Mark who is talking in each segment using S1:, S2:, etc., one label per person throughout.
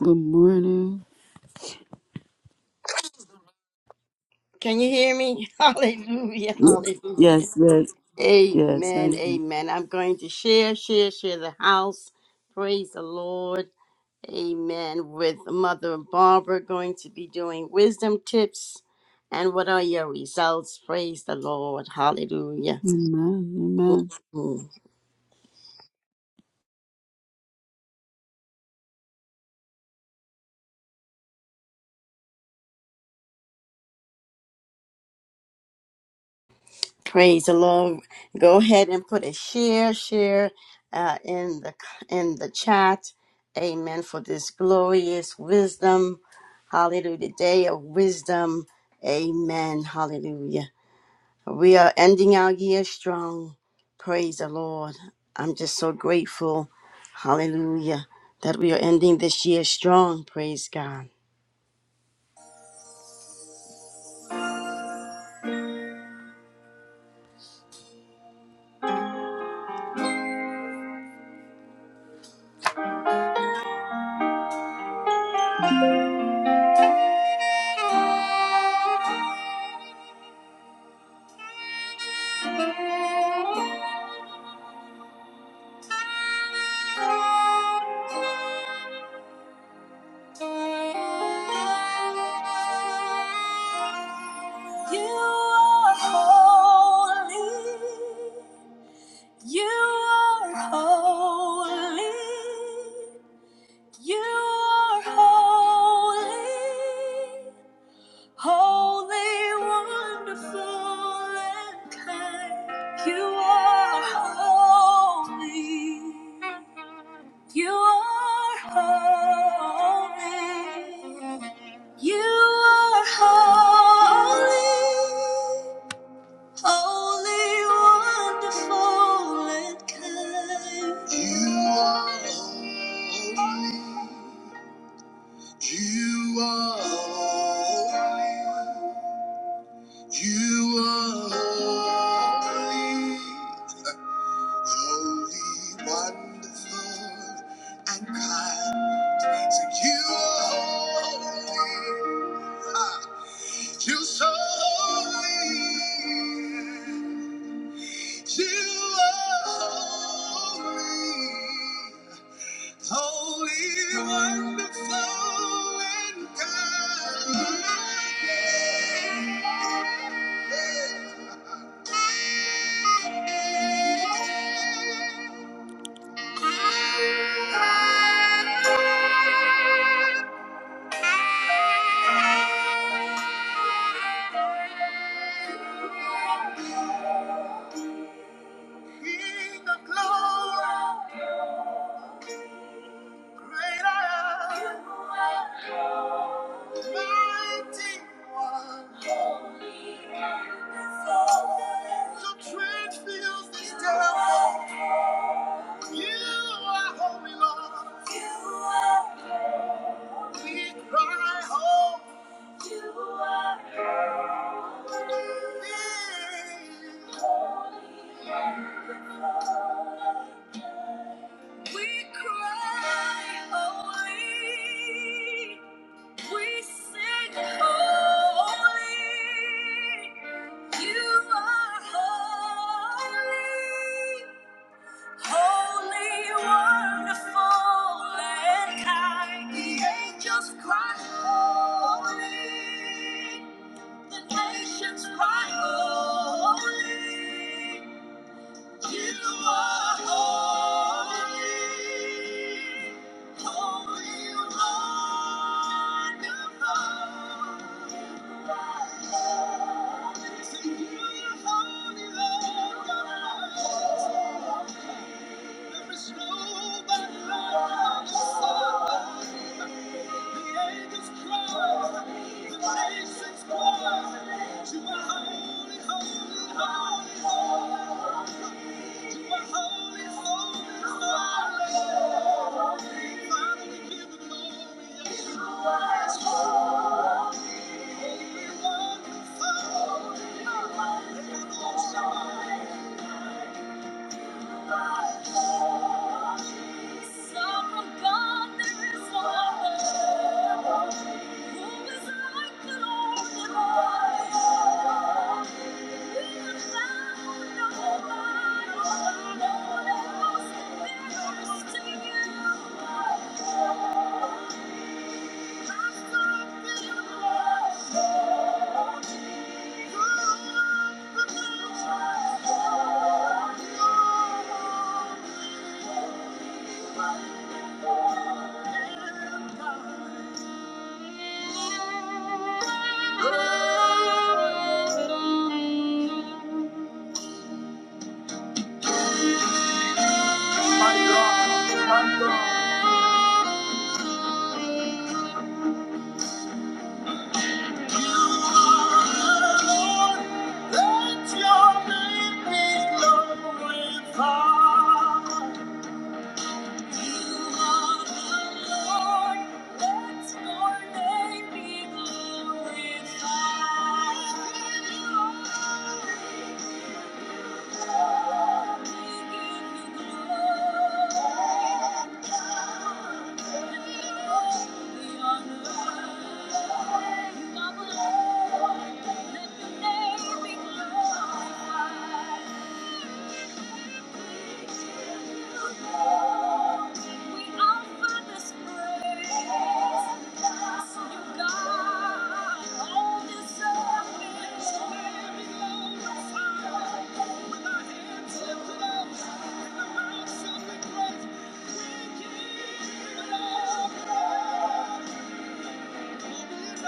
S1: Good morning.
S2: Can you hear me? Hallelujah. Hallelujah.
S1: Yes, yes, yes. I
S2: Amen.
S1: am.
S2: Amen. I'm going to share, share, share the house. Praise the Lord. Amen. With Mother Barbara going to be doing wisdom tips. And what are your results? Praise the Lord. Hallelujah.
S1: Amen. Amen.
S2: Mm-hmm. Praise the Lord. Go ahead and put a share, share uh, in the in the chat. Amen. For this glorious wisdom. Hallelujah. Day of wisdom. Amen. Hallelujah. We are ending our year strong. Praise the Lord. I'm just so grateful. Hallelujah. That we are ending this year strong. Praise God. You are holy. You are holy. You are holy. Holy, wonderful, and kind, you are holy. You are holy. You are holy. Holy, wonderful, and kind. You are holy. You are holy. You are holy, holy, wonderful, and kind. So you are holy, ah, you're so holy. You are holy, Holy, wonderful, and kind. King of glory. Great I am. Mighty one. Your train fills this temple. You are holy, Lord. We cry, holy. We cry, holy. We sing holy. You are holy. Holy, wonderful, and kind. The angels cry holy. The nations cry holy. You are holy. Thank you. Thank you. Thank you. My God, my God. You are Lord, let your name be glorified. You are Lord, let your name be glorified. We give you glory. Thank you. Thank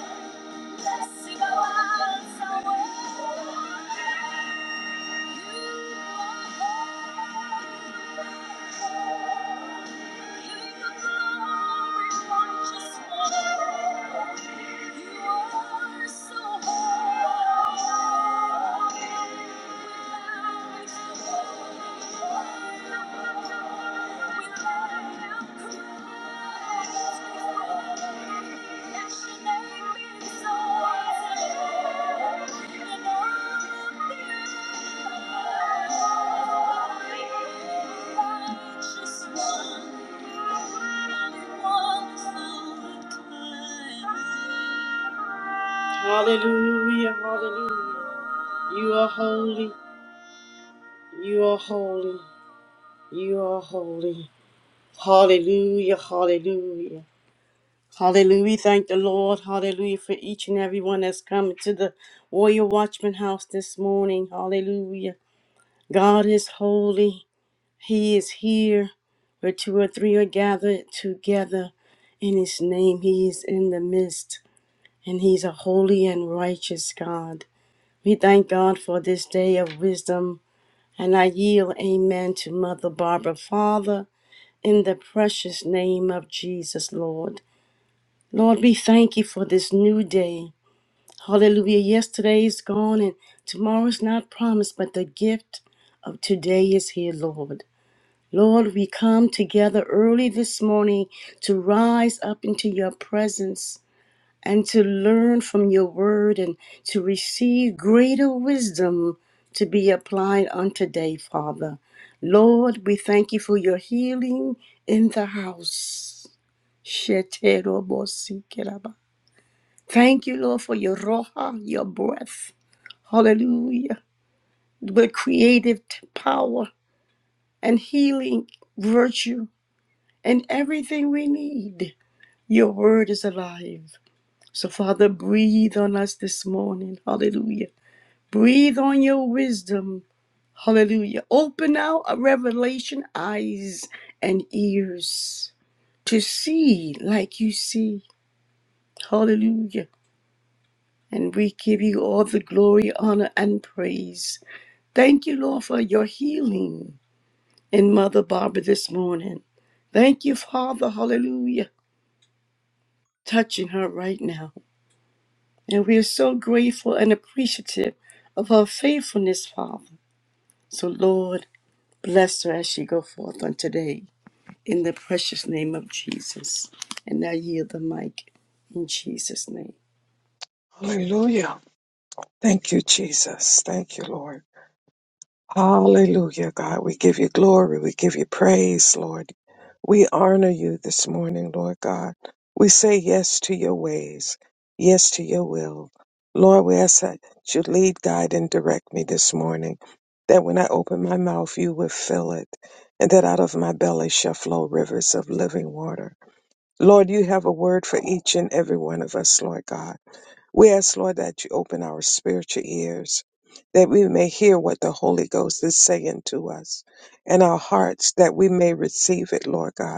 S2: you. You are so holy. Hallelujah, hallelujah. You are holy. You are holy. You are holy. Hallelujah. Hallelujah. Hallelujah. We Thank the Lord. Hallelujah for each and every one that's coming to the Warrior Watchman house this morning. Hallelujah. God is holy. He is here where two or three are gathered together in his name. He is in the midst and he's a holy and righteous God. We thank God for this day of wisdom. And I yield amen to Mother Barbara. Father, In the precious name of Jesus, Lord. Lord, we thank you for this new day. Hallelujah. Yesterday is gone and tomorrow is not promised, but the gift of today is here, Lord. Lord, we come together early this morning to rise up into your presence and to learn from your word and to receive greater wisdom to be applied on today, Father. Lord, we thank you for your healing in the house. Sheterobosikeraba. Thank you, Lord, for your roha, your breath. Hallelujah. The creative power and healing virtue and everything we need. Your word is alive. So, Father, breathe on us this morning. Hallelujah. Breathe on your wisdom. Hallelujah. Open our uh, revelation eyes and ears to see like you see. Hallelujah And we give you all the glory, honor, and praise. Thank you, Lord, for your healing in Mother Barbara this morning. Thank you, Father, hallelujah, touching her right now. And we are so grateful and appreciative of her faithfulness, Father. So, Lord, bless her as she go forth on today in the precious name of Jesus. And I yield the mic in Jesus' name.
S3: Hallelujah. Thank you, Jesus. Thank you, Lord. Hallelujah, God. We give you glory. We give you praise, Lord. We honor you this morning, Lord God. We say yes to your ways, yes to your will. Lord, we ask that you lead, guide, and direct me this morning, that when I open my mouth, you will fill it, and that out of my belly shall flow rivers of living water. Lord, you have a word for each and every one of us, Lord God. We ask, Lord, that you open our spiritual ears, that we may hear what the Holy Ghost is saying to us, and our hearts, that we may receive it, Lord God.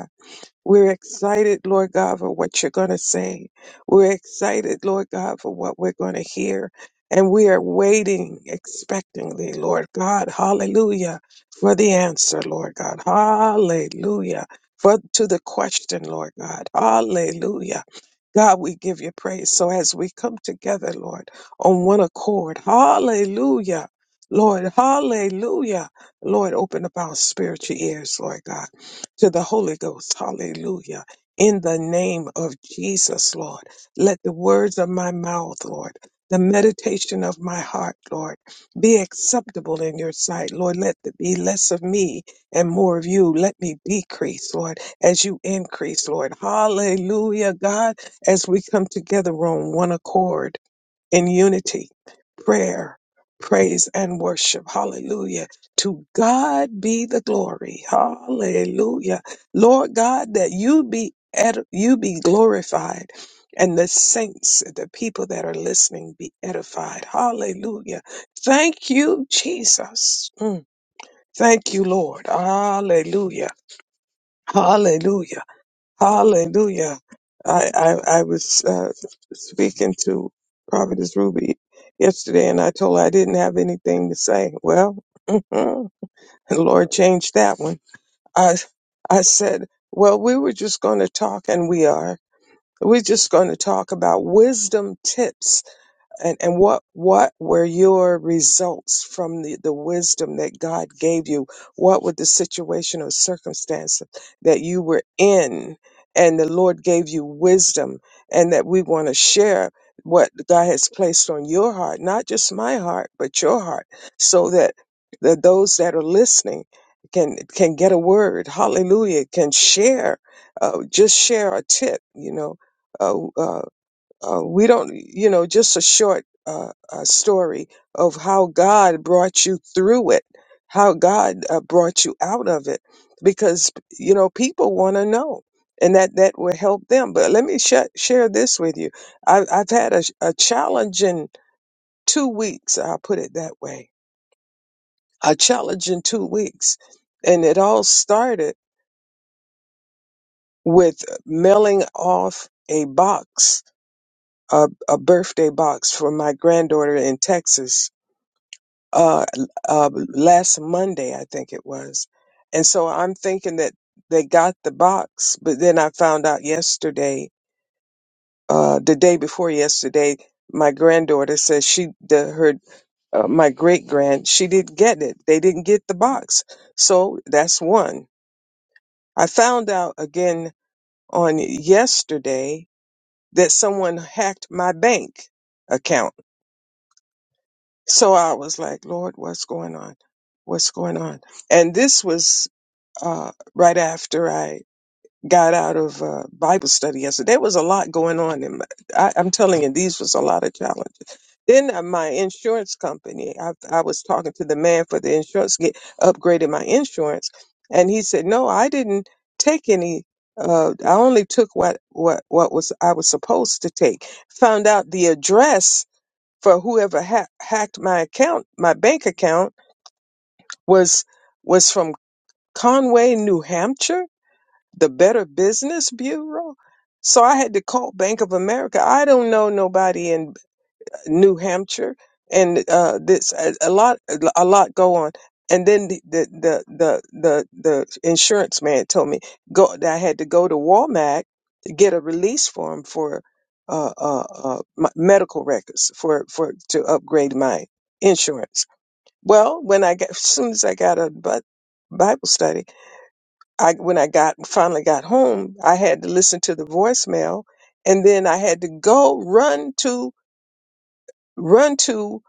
S3: We're excited, Lord God, for what you're going to say. We're excited, Lord God, for what we're going to hear. And we are waiting expectantly, Lord God. Hallelujah. For the answer, Lord God. Hallelujah. For to the question, Lord God. Hallelujah. God, we give you praise. So as we come together, Lord, on one accord, hallelujah. Lord, hallelujah. Lord, open up our spiritual ears, Lord God to the Holy Ghost. Hallelujah. In the name of Jesus, Lord, let the words of my mouth, Lord, the meditation of my heart, Lord, be acceptable in your sight. Lord, let there be less of me and more of you. Let me decrease, Lord, as you increase, Lord. Hallelujah, God, as we come together on one accord in unity, prayer, praise, and worship. Hallelujah. To God be the glory. Hallelujah. Lord God, that you be ed- you be glorified and the saints, the people that are listening be edified. Hallelujah. Thank you, Jesus. Mm. Thank you, Lord. Hallelujah. Hallelujah. Hallelujah. I, I, I was uh, speaking to Providence Ruby yesterday and I told her I didn't have anything to say. Well, the Lord changed that one. I, I said, well, we were just going to talk and we are. We're just going to talk about wisdom tips and, and what what were your results from the, the wisdom that God gave you? What were the situation or circumstance that you were in and the Lord gave you wisdom and that we want to share what God has placed on your heart, not just my heart, but your heart, so that the, those that are listening can can get a word, hallelujah, can share, uh, just share a tip, you know. uh, uh, uh, we don't, you know, just a short uh, uh, story of how God brought you through it, how God uh, brought you out of it, because you know people want to know, and that that will help them. But let me sh- share this with you. I've, I've had a, a challenging two weeks. I'll put it that way. A challenging two weeks, and it all started with mailing off a box, a, a birthday box for my granddaughter in Texas uh, uh, last Monday, I think it was. And so I'm thinking that they got the box, but then I found out yesterday, uh, the day before yesterday, my granddaughter says she, the, her, uh, my great grand, she didn't get it. They didn't get the box. So that's one. I found out again on yesterday that someone hacked my bank account. So I was like, Lord, what's going on? What's going on? And this was uh, right after I got out of uh, Bible study yesterday. There was a lot going on. In my, I, I'm telling you, these was a lot of challenges. Then uh, my insurance company, I, I was talking to the man for the insurance, get upgraded my insurance, and he said, "No, I didn't take any. Uh, I only took what what what was I was supposed to take." Found out the address for whoever ha- hacked my account, my bank account, was was from Conway, New Hampshire the Better Business Bureau. So I had to call Bank of America. I don't know nobody in uh, New Hampshire, and uh, this a, a lot a lot go on. And then the the the the the, the insurance man told me go that I had to go to Walmart to get a release form for uh, uh, uh, my medical records for for to upgrade my insurance. Well, when I got as soon as I got a Bible study I when I got finally got home, I had to listen to the voicemail, and then I had to go run to run to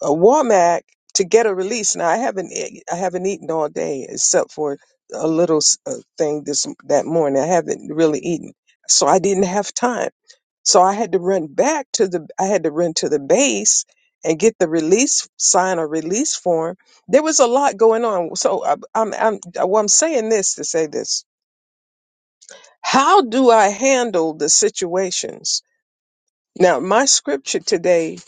S3: a Walmart to get a release. Now I haven't e- I haven't eaten all day except for a little s- uh, thing this that morning. I haven't really eaten, so I didn't have time. So I had to run back to the I had to run to the base and get the release sign or release form. There was a lot going on. So I, I'm I'm uh, well, I'm saying this to say this how do I handle the situations? Now, my scripture today,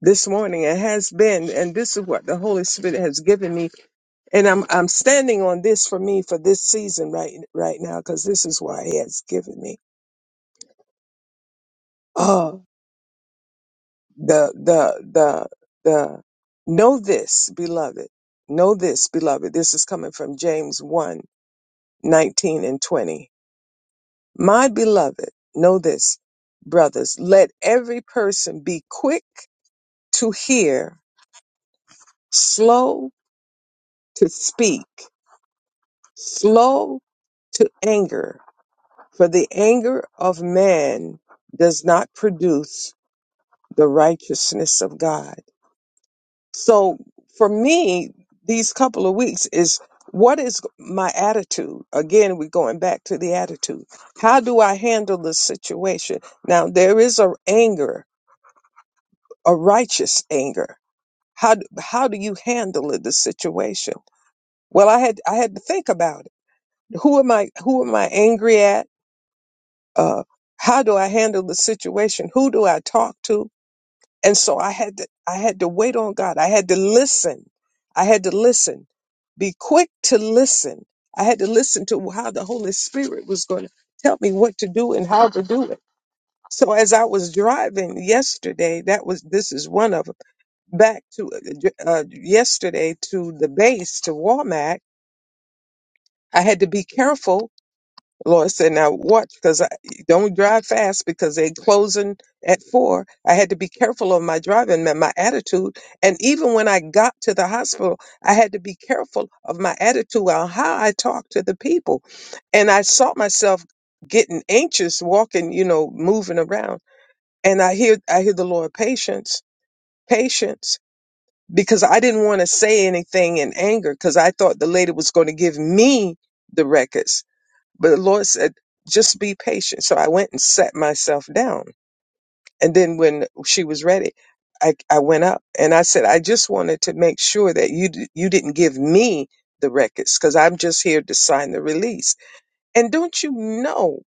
S3: this morning, it has been, and this is what the Holy Spirit has given me, and I'm I'm standing on this for me for this season right right now because this is why He has given me. Oh, the the the the know this, beloved, know this, beloved. This is coming from James one 19 and twenty. My beloved, know this, brothers. Let every person be quick to hear, slow to speak, slow to anger, for the anger of man does not produce the righteousness of God. So for me, these couple of weeks is what is my attitude? Again, we're going back to the attitude. How do I handle the situation? Now there is a anger, a righteous anger. How, how do you handle the situation? Well, I had I had to think about it. Who am I? Who am I angry at? Uh, how do I handle the situation? Who do I talk to? And so I had to I had to wait on God. I had to listen. I had to listen. Be quick to listen. I had to listen to how the Holy Spirit was going to tell me what to do and how to do it. So as I was driving yesterday, that was this is one of 'em, back to uh, uh, yesterday to the base to Walmack. I had to be careful The Lord said, now watch, because I don't drive fast because they closing at four. I had to be careful of my driving and my attitude. And even when I got to the hospital, I had to be careful of my attitude on how I talked to the people. And I saw myself getting anxious, walking, you know, moving around. And I hear, I hear the Lord, patience, patience, because I didn't want to say anything in anger because I thought the lady was going to give me the records but the Lord said, just be patient. So I went and sat myself down. And then when she was ready, I, I went up and I said, I just wanted to make sure that you, d- you didn't give me the records because I'm just here to sign the release. And don't you know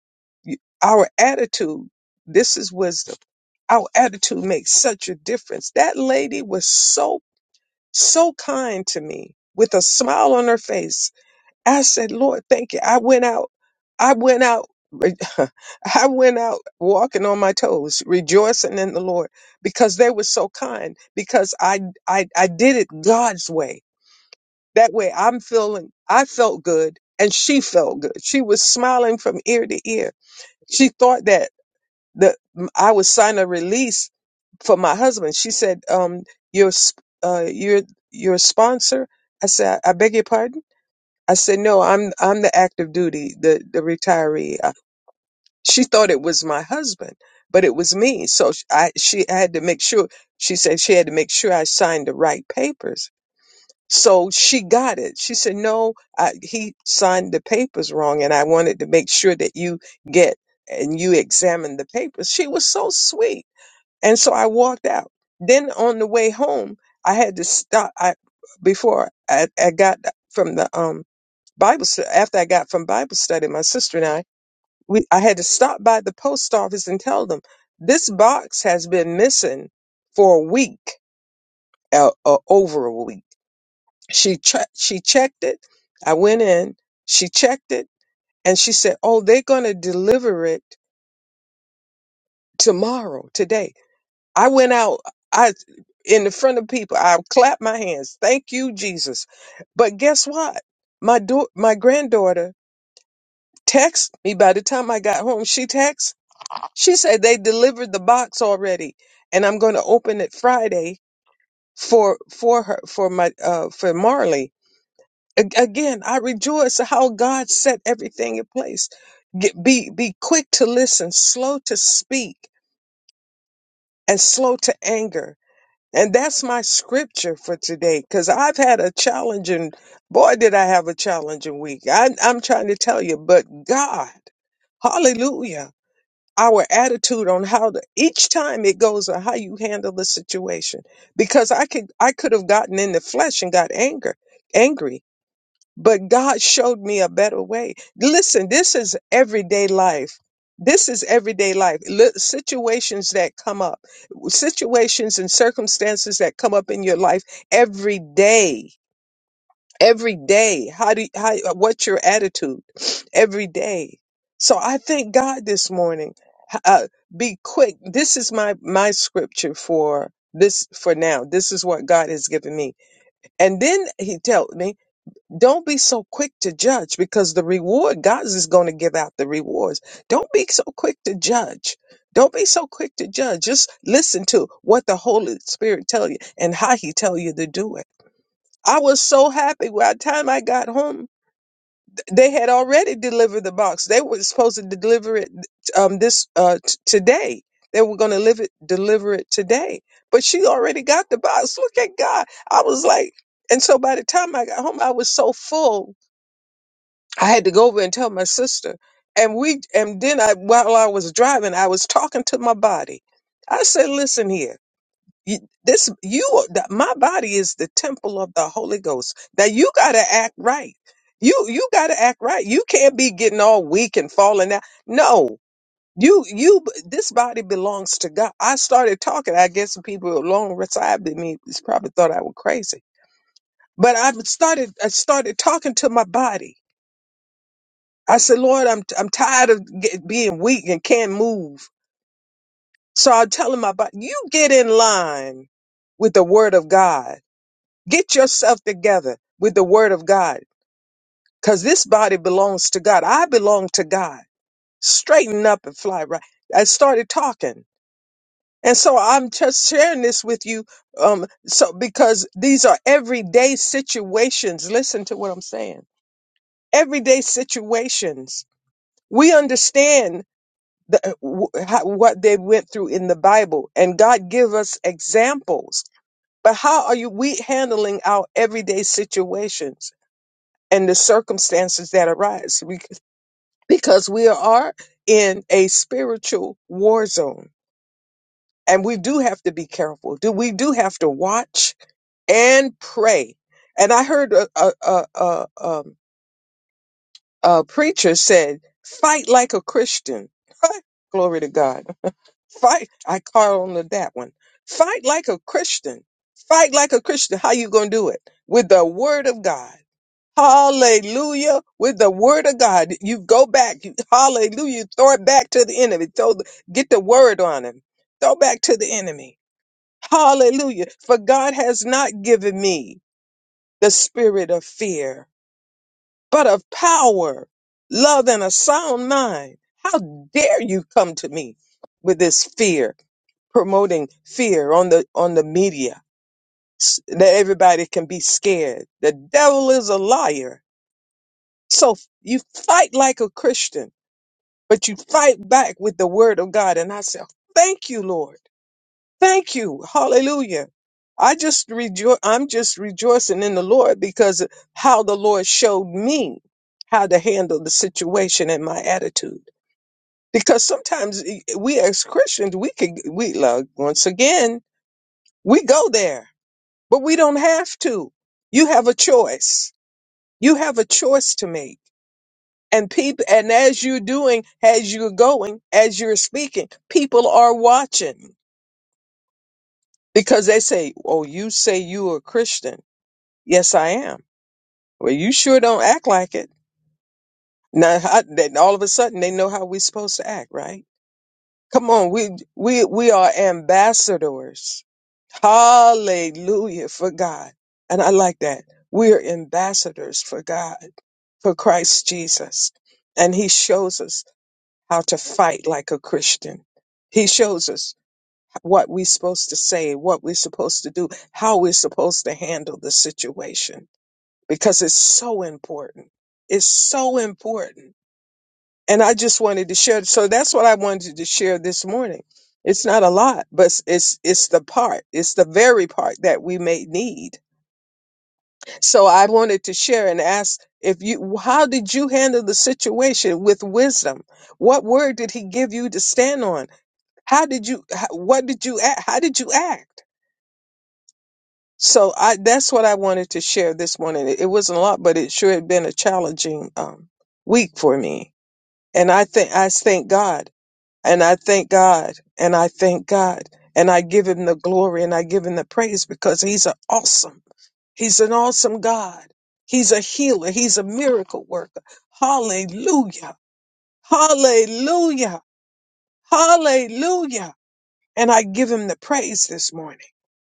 S3: you- our attitude? This is wisdom. Our attitude makes such a difference. That lady was so, so kind to me with a smile on her face I said, Lord, thank you. I went out. I went out. re- I went out walking on my toes, rejoicing in the Lord because they were so kind. Because I, I, I did it God's way. That way I'm feeling, I felt good and she felt good. She was smiling from ear to ear. She thought that the, I would sign a release for my husband. She said, um, your, sp- uh, your, your sponsor. I said, I beg your pardon. I said, "No, I'm I'm the active duty, the the retiree." Uh, She thought it was my husband, but it was me. So sh- I she had to make sure. She said she had to make sure I signed the right papers. So she got it. She said, "No, I, he signed the papers wrong, and I wanted to make sure that you get and you examine the papers." She was so sweet, and so I walked out. Then on the way home, I had to stop. I before I, I got from the um Bible stu- after I got from Bible study, my sister and I, we I had to stop by the post office and tell them this box has been missing for a week uh, uh, over a week. She che- she checked it. I went in. She checked it and she said, "Oh, they're going to deliver it tomorrow, today." I went out. I in the front of people. I clapped my hands. Thank you, Jesus. But guess what? My do- my granddaughter text me by the time I got home. She texted. She said they delivered the box already, and I'm going to open it Friday for for her for my uh for Marley. A- Again, I rejoice how God set everything in place. Get, be be quick to listen, slow to speak, and slow to anger. And that's my scripture for today, because I've had a challenging boy. Did I have a challenging week? I, I'm trying to tell you, but God, Hallelujah. our attitude on how to each time it goes on how you handle the situation because i could i could have gotten in the flesh and got anger angry but god showed me a better way listen this is everyday life this is everyday life Li- situations that come up situations and circumstances that come up in your life every day every day how do how what's your attitude every day so i thank god this morning uh, be quick this is my my scripture for this for now this is what god has given me and then he told me don't be so quick to judge because the reward god is going to give out the rewards don't be so quick to judge don't be so quick to judge just listen to what the holy spirit tell you and how he tell you to do it I was so happy. By the time I got home, th- they had already delivered the box. They were supposed to deliver it um, this uh, t- today. They were going to live it, deliver it today. But she already got the box. Look at God. I was like, and so by the time I got home, I was so full. I had to go over and tell my sister. And we, and then I, while I was driving, I was talking to my body. I said, "Listen here." You, this you are- that my body is the temple of the Holy Ghost. That you got to act right. You you got to act right. You can't be getting all weak and falling out. No. You you this body belongs to God. I started talking. I guess some people along beside me probably thought I was crazy. But I started I started talking to my body. I said, "Lord, I'm I'm tired of get, being weak and can't move." So I'm telling my body, "You get in line with the word of God." Get yourself together with the word of God because this body belongs to God. I belong to God. Straighten up and fly right. I started talking. And so I'm just sharing this with you um, so because these are everyday situations. Listen to what I'm saying. Everyday situations. We understand the, uh, w- how, what they went through in the Bible, and God give us examples. But how are you we handling our everyday situations? and the circumstances that arise We- because we are in a spiritual war zone and we do have to be careful do we do have to watch and pray and i heard a, a, a, a, um, a preacher said fight like a christian glory to god fight i call on to that one fight like a christian fight like a christian how you gonna do it with the word of god Hallelujah. With the word of God, you go back. You, hallelujah. You throw it back to the enemy. Throw the, get the word on him. Throw back to the enemy. Hallelujah. For God has not given me the spirit of fear, but of power, love, and a sound mind. How dare you come to me with this fear, promoting fear on the, on the media s- that everybody can be scared. The devil is a liar So f- you fight like a Christian, but you fight back with the word of God. And I say, thank you, Lord. Thank you. Hallelujah. I just rejoice. I'm just rejoicing in the Lord because of how the Lord showed me how to handle the situation and my attitude. Because sometimes eh, we as Christians, we can, we like, once again, we go there, but we don't have to. You have a choice. You have a choice to make and people and as you're doing as you're going as you're speaking people are watching because they say oh you say you're a christian yes i am well you sure don't act like it now how- then all of a sudden they know how we're supposed to act right come on we we we are ambassadors hallelujah for god and i like that we're ambassadors for god for christ jesus and he shows us how to fight like a Christian. He shows us what we're supposed to say, what we're supposed to do, how we're supposed to handle the situation because it's so important. It's so important. And I just wanted to share. So that's what I wanted to share this morning. It's not a lot, but it's, it's it's the part, it's the very part that we may need. So I wanted to share and ask if you, how did you handle the situation with wisdom? What word did he give you to stand on? How did you? How, what did you? act? How did you act? So I that's what I wanted to share this morning. It, it wasn't a lot, but it sure had been a challenging um, week for me. And I think I thank God, and I thank God, and I thank God, and I give Him the glory and I give Him the praise because He's an awesome. He's an awesome God. He's a healer. He's a miracle worker. Hallelujah. Hallelujah. Hallelujah. And I give him the praise this morning.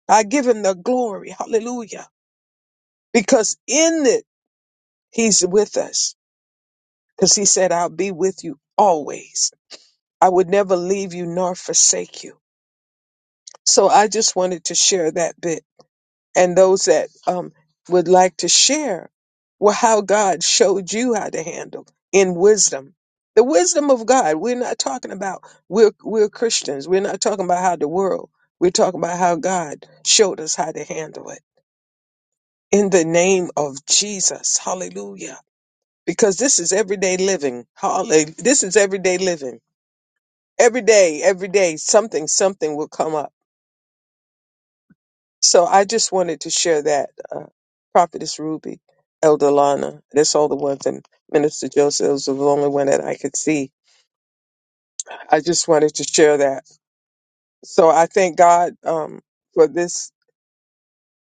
S3: I give him the glory. Hallelujah. Because in it, he's with us. Because he said, I'll be with you always. I would never leave you nor forsake you. So I just wanted to share that bit. And those that um, would like to share well, how God showed you how to handle in wisdom. The wisdom of God. We're not talking about we're we're Christians. We're not talking about how the world. We're talking about how God showed us how to handle it. in the name of Jesus. Hallelujah. Because this is everyday living. Hallelujah. This is everyday living. Every day, every day, something, something will come up. So I just wanted to share that. Uh, Prophetess Ruby, Elder Lana, that's all the ones, and Minister Joseph was the only one that I could see. I just wanted to share that. So I thank God um, for this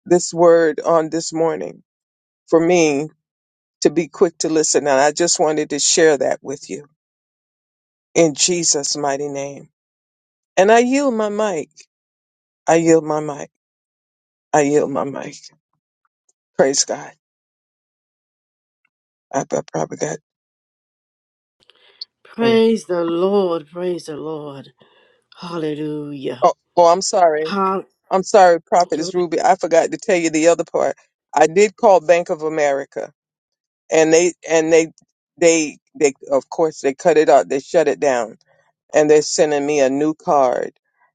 S3: this word on this morning for me to be quick to listen, and I just wanted to share that with you. in Jesus' mighty name. And I yield my mic. I yield my mic. I yield my mic. Praise God. I, I probably got. mm.
S2: Praise the Lord, praise the Lord. Hallelujah.
S3: Oh, oh, I'm sorry.
S2: How
S3: I'm sorry, Prophetess Ruby. I forgot to tell you the other part. I did call Bank of America, and they and they they they of course they cut it out. They shut it down and they're sending me a new card.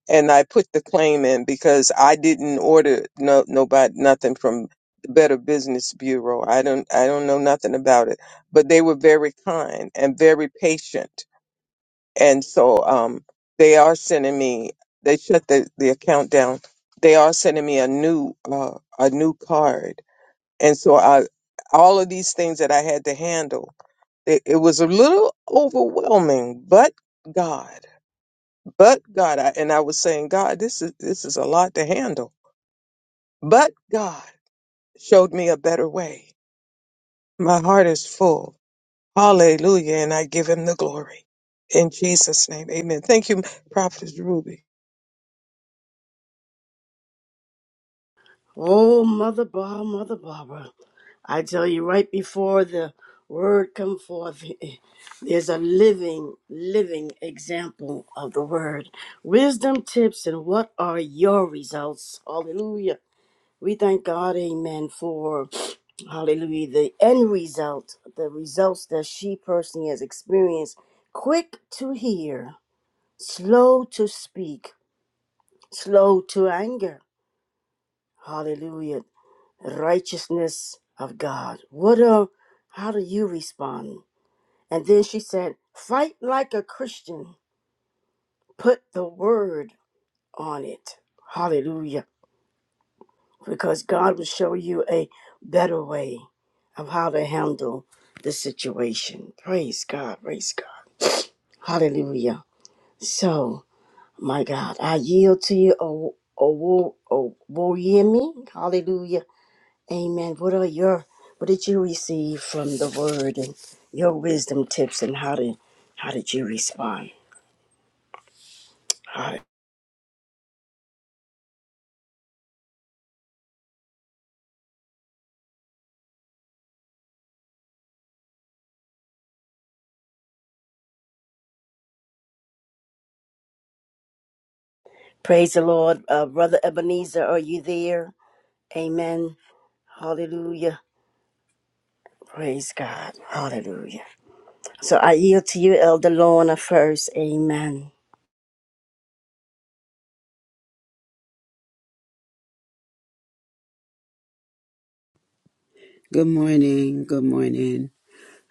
S3: And I put the claim in because I didn't order no nobody nothing from the Better Business Bureau. I don't I don't know nothing about it, but they were very kind and very patient. And so um, they are sending me. They shut the, the account down. They are sending me a new uh, a new card. And so I all of these things that I had to handle. It, it was a little overwhelming, but God. But God, I, and I was saying, God, this is this is a lot to handle. But God showed me a better way. My heart is full. Hallelujah, and I give him the glory. In Jesus' name, amen. Thank you, Prophetess Ruby.
S2: Oh, Mother Barbara, Mother Barbara, I tell you, right before the word come forth, there's a living, living example of the word. Wisdom tips and what are your results? Hallelujah. We thank God, amen, for hallelujah, the end result, the results that she personally has experienced. Quick to hear, slow to speak, slow to anger. Hallelujah righteousness of God. What a how do you respond? And then she said, Fight like a Christian. Put the word on it. Hallelujah. Because God will show you a better way of how to handle the situation. Praise God. Praise God. Hallelujah. So, my God, I yield to you, O O O O Yemi. Hallelujah. Amen. What are your what did you receive from the word and your wisdom tips and how did how did you respond? Hi. Praise the Lord. Uh, Brother Ebenezer, are you there? Amen. Hallelujah. Praise God. Hallelujah. So I yield to you, Elder Lorna, first. Amen.
S1: Good morning. Good morning.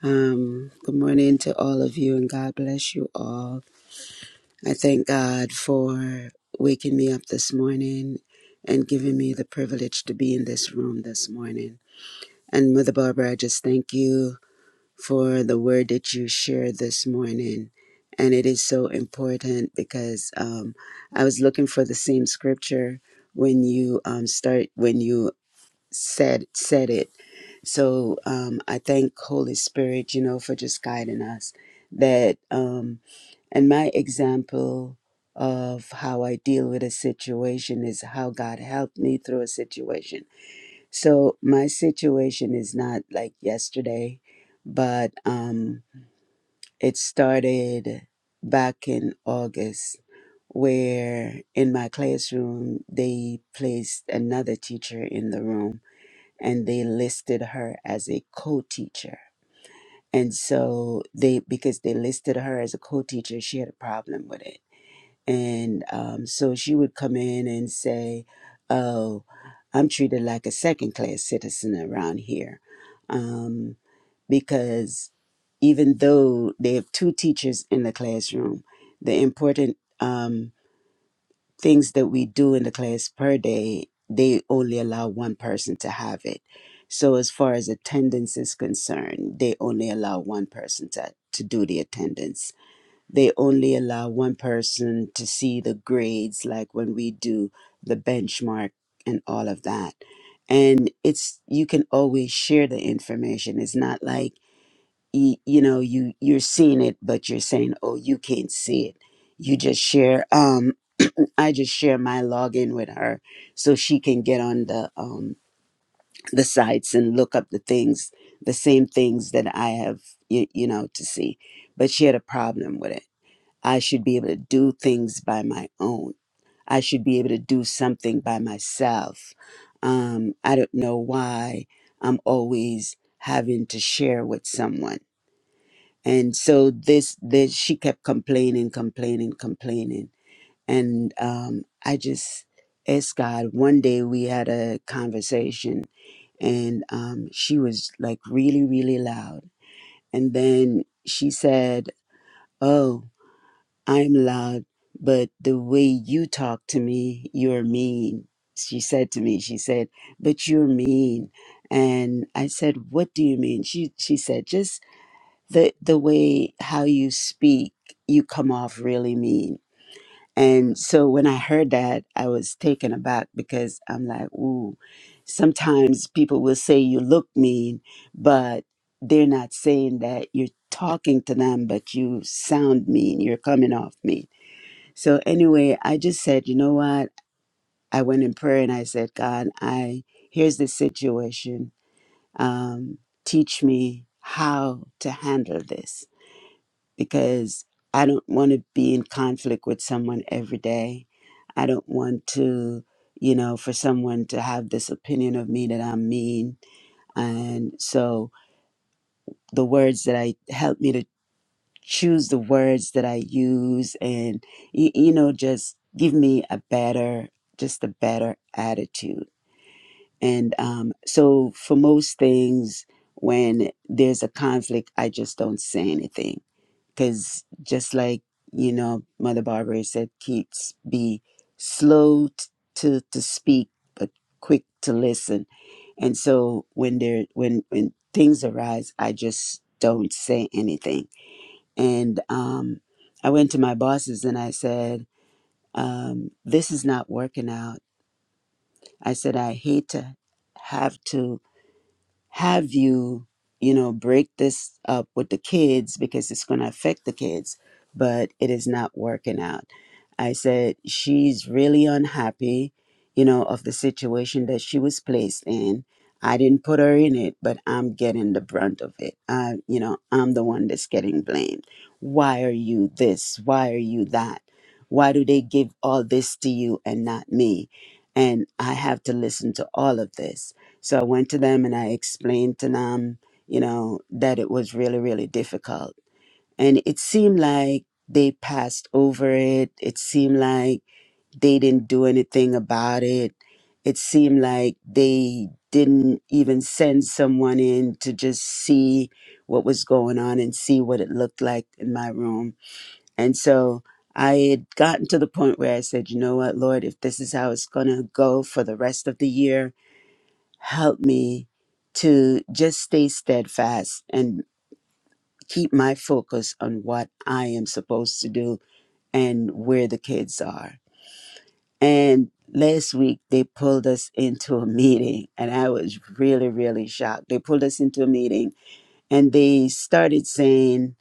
S1: Um, good morning to all of you, and God bless you all. I thank God for waking me up this morning and giving me the privilege to be in this room this morning. And Mother Barbara, I just thank you for the word that you shared this morning. And it is so important because um, I was looking for the same scripture when you um, start when you said said it. So um, I thank Holy Spirit, you know, for just guiding us. That um, and my example of how I deal with a situation is how God helped me through a situation. So my situation is not like yesterday, but um, it started back in August, where in my classroom, they placed another teacher in the room and they listed her as a co teacher. And so they, because they listed her as a co teacher, she had a problem with it. And um, so she would come in and say, Oh, I'm treated like a second class citizen around here. Um, because even though they have two teachers in the classroom, the important um, things that we do in the class per day, they only allow one person to have it. So, as far as attendance is concerned, they only allow one person to, to do the attendance. They only allow one person to see the grades, like when we do the benchmark and all of that. And it's, you can always share the information. It's not like, you, you know you you're seeing it but you're saying oh you can't see it you just share um i just share my login with her so she can get on the um the sites and look up the things the same things that i have you, you know to see but she had a problem with it i should be able to do things by my own i should be able to do something by myself um i don't know why i'm always having to share with someone and so this this she kept complaining complaining complaining and um i just asked god one day we had a conversation and um she was like really really loud and then she said oh i'm loud but the way you talk to me you're mean she said to me she said but you're mean and i said what do you mean she she said just the the way how you speak you come off really mean and so when i heard that i was taken aback because i'm like ooh sometimes people will say you look mean but they're not saying that you're talking to them but you sound mean you're coming off mean so anyway i just said you know what i went in prayer and i said god i here's the situation um, teach me how to handle this because I don't want to be in conflict with someone every day. I don't want to, you know, for someone to have this opinion of me that I'm mean. And so the words that I help me to choose the words that I use and, y- you know, just give me a better, just a better attitude. And um, so for most things, when there's a conflict, I just don't say anything because just like you know mother barbara said keep be slow t- to to speak but quick to listen and so when there when when things arise i just don't say anything and um i went to my bosses and i said um this is not working out i said i hate to have to have you, you know, break this up with the kids because it's going to affect the kids, but it is not working out. I said, she's really unhappy, you know, of the situation that she was placed in. I didn't put her in it, but I'm getting the brunt of it. I, you know, I'm the one that's getting blamed. Why are you this? Why are you that? Why do they give all this to you and not me? And I have to listen to all of this so I went to them and I explained to them, you know, that it was really, really difficult. And it seemed like they passed over it. It seemed like they didn't do anything about it. It seemed like they didn't even send someone in to just see what was going on and see what it looked like in my room. And so I had gotten to the point where I said, you know what, Lord, if this is how it's going to go for the rest of the year, help me to just stay steadfast and keep my focus on what I am supposed to do and where the kids are. And last week, they pulled us into a meeting, and I was really, really shocked. They pulled us into a meeting and they started saying,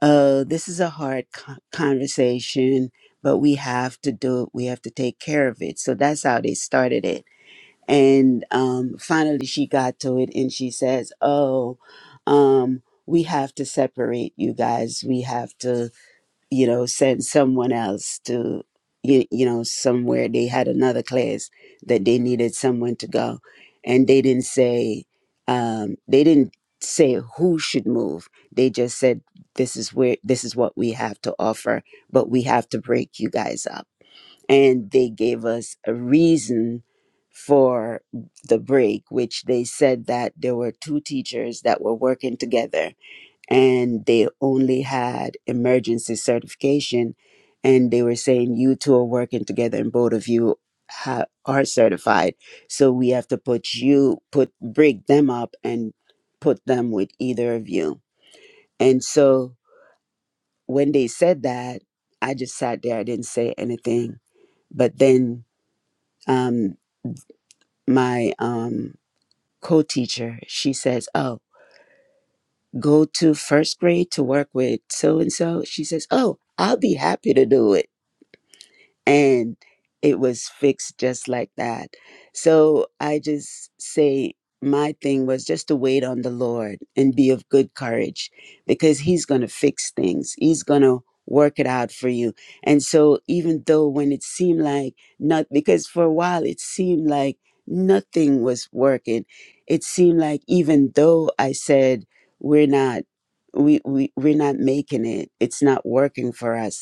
S1: Oh, this is a hard co- conversation, but we have to do it. We have to take care of it. So that's how they started it And um, finally, she got to it and she says, Oh, um, we have to separate you guys. We have to, you know, send someone else to, you, you know, somewhere. They had another class that they needed someone to go. And they didn't say, um, they didn't say who should move. They just said, this is where, this is what we have to offer, but we have to break you guys up and they gave us a reason for the break which they said that there were two teachers that were working together and they only had emergency certification and they were saying you two are working together and both of you ha- are certified so we have to put you put break them up and put them with either of you and so when they said that i just sat there i didn't say anything but then um, my um, co-teacher she says oh go to first grade to work with so and so she says oh i'll be happy to do it and it was fixed just like that. So I just say my thing was just to wait on the Lord and be of good courage because He's going to fix things. He's going to work it out for you. And so even though when it seemed like not, because for a while it seemed like nothing was working, it seemed like even though I said, we're not. We, we we're not making it it's not working for us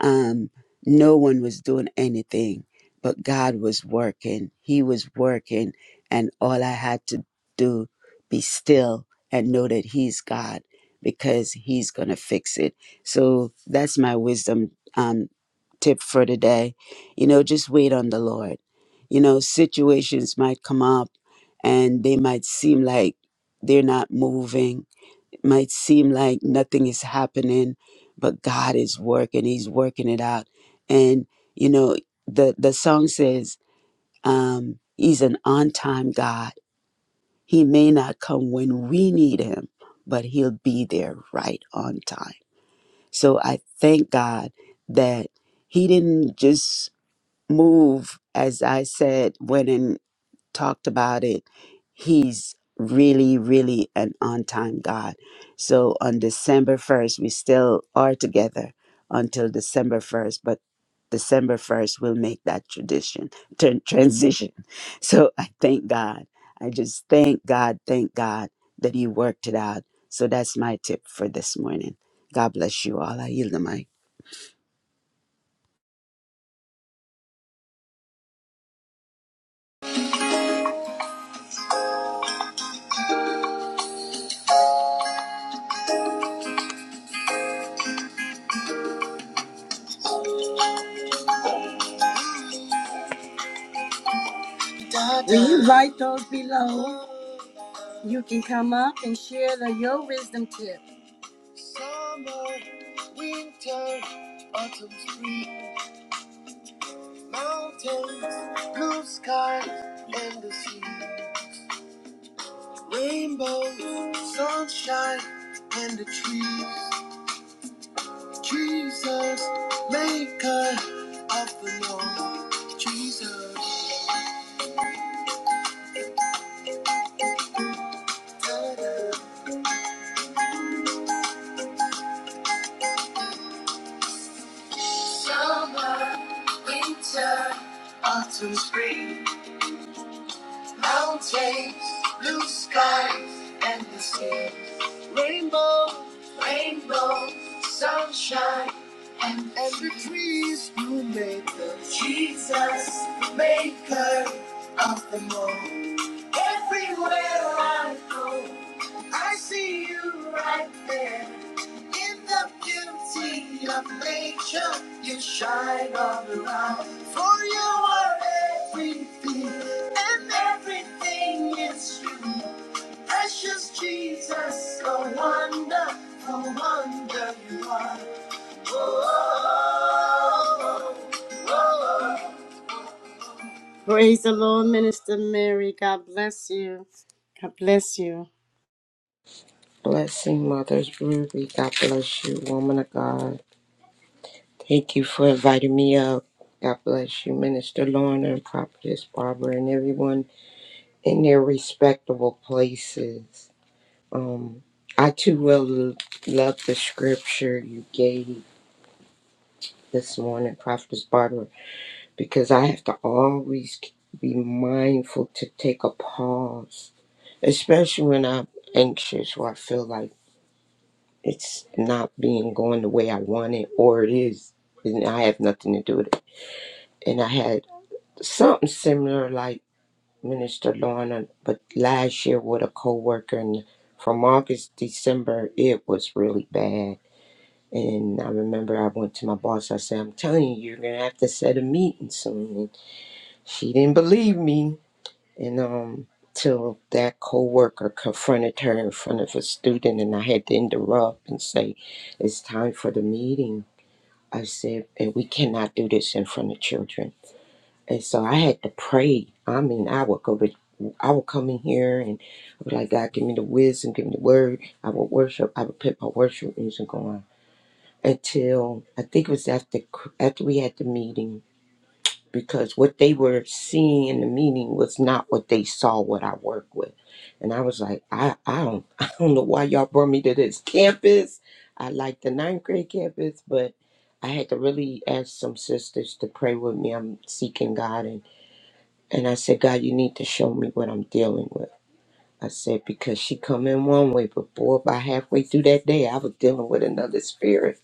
S1: um, no one was doing anything, but God was working. He was working, and all I had to do be still and know that He's God because He's gonna fix it. So that's my wisdom um, tip for today. You know, just wait on the Lord. You know, situations might come up, and they might seem like they're not moving might seem like nothing is happening, but God is working. He's working it out. And you know, the the song says, um, He's an on time God. He may not come when we need him, but he'll be there right on time. So I thank God that he didn't just move, as I said, when in talked about it. He's really, really an on time God. So on December 1st, we still are together until December 1st, but December 1st, we'll make that tradition, turn, transition. So I thank God. I just thank God, thank God that He worked it out. So that's my tip for this morning. God bless you all. I yield the mic.
S2: Will you write those below? You can come up and share the, your wisdom tip. Summer, winter, autumn, spring. Mountains, blue skies, and the sea. Rainbows, sunshine, and the trees. Jesus, maker of the Lord. Jesus, summer, winter, autumn, spring. Mountains, blue skies, and the sea. Rainbow, rainbow, sunshine, and, and the trees you made the Jesus, maker of them all. Everywhere I go, I see you right there. In the beauty of nature, you shine all around. For you are everything, and everything is you. Precious Jesus, a wonderful wonder you are. Oh, oh, oh, oh. oh. Praise the Lord, Minister Mary. God bless you. God bless you.
S4: Blessing, Mother's Ruby. God bless you, woman of God. Thank you for inviting me up. God bless you, Minister Lorna and Prophetess Barbara and everyone in their respectable places. Um, I too will l- love the scripture you gave this morning, Prophetess Barbara, because I have to always be mindful to take a pause, especially when I'm anxious or I feel like it's not being going the way I want it, or it is, and I have nothing to do with it. And I had something similar like Minister Lorna, but last year with a coworker, and from August December, it was really bad. And I remember I went to my boss. I said, "I'm telling you, you're gonna have to set a meeting soon." And she didn't believe me, and um, till that coworker confronted her in front of a student, and I had to interrupt and say, "It's time for the meeting." I said, and we cannot do this in front of children. And so I had to pray. I mean, I would go to, I would come in here and I would like, God, give me the wisdom, give me the word. I would worship. I would put my worship music on until I think it was after after we had the meeting because what they were seeing in the meeting was not what they saw what I work with. And I was like, I, I don't I don't know why y'all brought me to this campus. I like the ninth grade campus, but I had to really ask some sisters to pray with me. I'm seeking God and, and I said, God, you need to show me what I'm dealing with. I said, because she come in one way, but boy, by halfway through that day I was dealing with another spirit.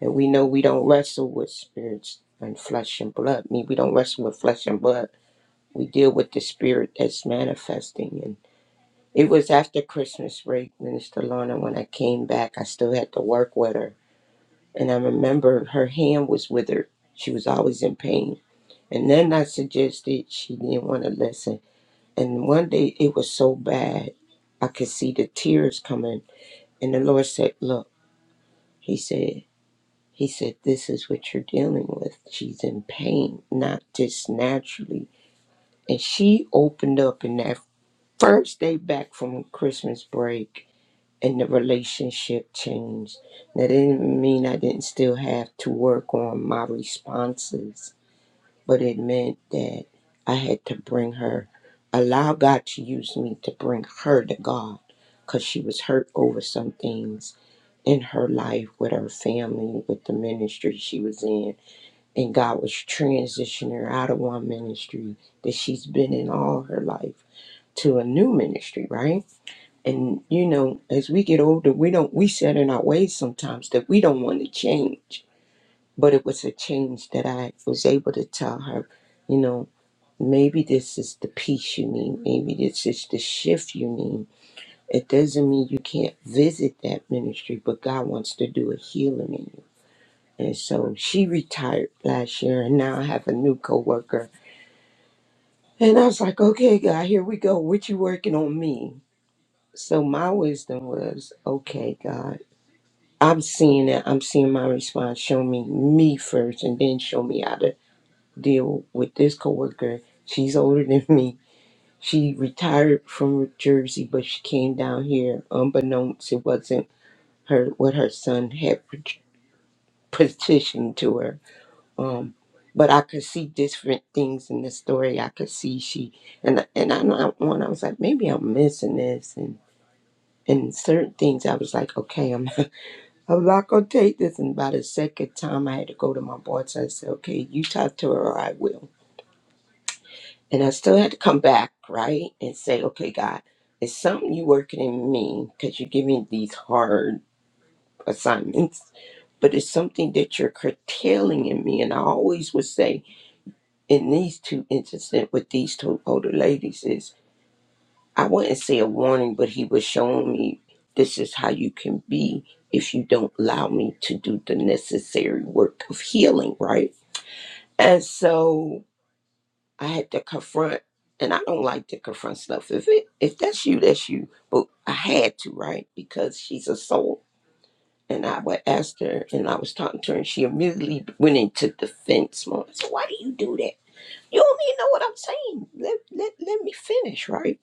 S4: And we know we don't wrestle with spirits and flesh and blood. Me, we don't wrestle with flesh and blood we deal with the spirit that's manifesting. And it was after Christmas break, Minister Lorna, when I came back, I still had to work with her. And I remember her hand was withered. She was always in pain. And then I suggested she didn't want to listen. And one day it was so bad, I could see the tears coming. And the Lord said, Look, He said, He said, this is what you're dealing with. She's in pain, not just naturally. And she opened up in that first day back from Christmas break and the relationship changed. That didn't mean I didn't still have to work on my responses, but it meant that I had to bring her, allow God to use me to bring her to God because she was hurt over some things in her life with her family, with the ministry she was in. And God was transitioning her out of one ministry that she's been in all her life to a new ministry, right? And you know, as we get older, we don't we set in our ways sometimes that we don't want to change. But it was a change that I was able to tell her, you know, maybe this is the peace you need. Maybe this is the shift you need. It doesn't mean you can't visit that ministry, but God wants to do a healing in you. And so she retired last year, and now I have a new coworker. And I was like, okay, God, here we go. What you working on me? So my wisdom was, okay, God. I'm seeing that I'm seeing my response. Show me me first, and then show me how to deal with this coworker. She's older than me. She retired from Jersey, but she came down here unbeknownst. It wasn't her what her son had pet- petitioned to her. Um, but I could see different things in the story. I could see she and and I know at one I was like maybe I'm missing this and and certain things I was like okay I'm. I'm not gonna take this. And by the second time, I had to go to my boss. I said, "Okay, you talk to her, or I will." And I still had to come back, right, and say, "Okay, God, it's something you working in me because you give me these hard assignments, but it's something that you're curtailing in me." And I always would say, in these two instances with these two older ladies, is. I wouldn't say a warning, but he was showing me this is how you can be if you don't allow me to do the necessary work of healing, right? And so I had to confront, and I don't like to confront stuff. If it if that's you, that's you. But I had to, right? Because she's a soul. And I would ask her, and I was talking to her, and she immediately went into defense mode. I said, Why do you do that? You don't even know what I'm saying. Let, let, let me finish, right?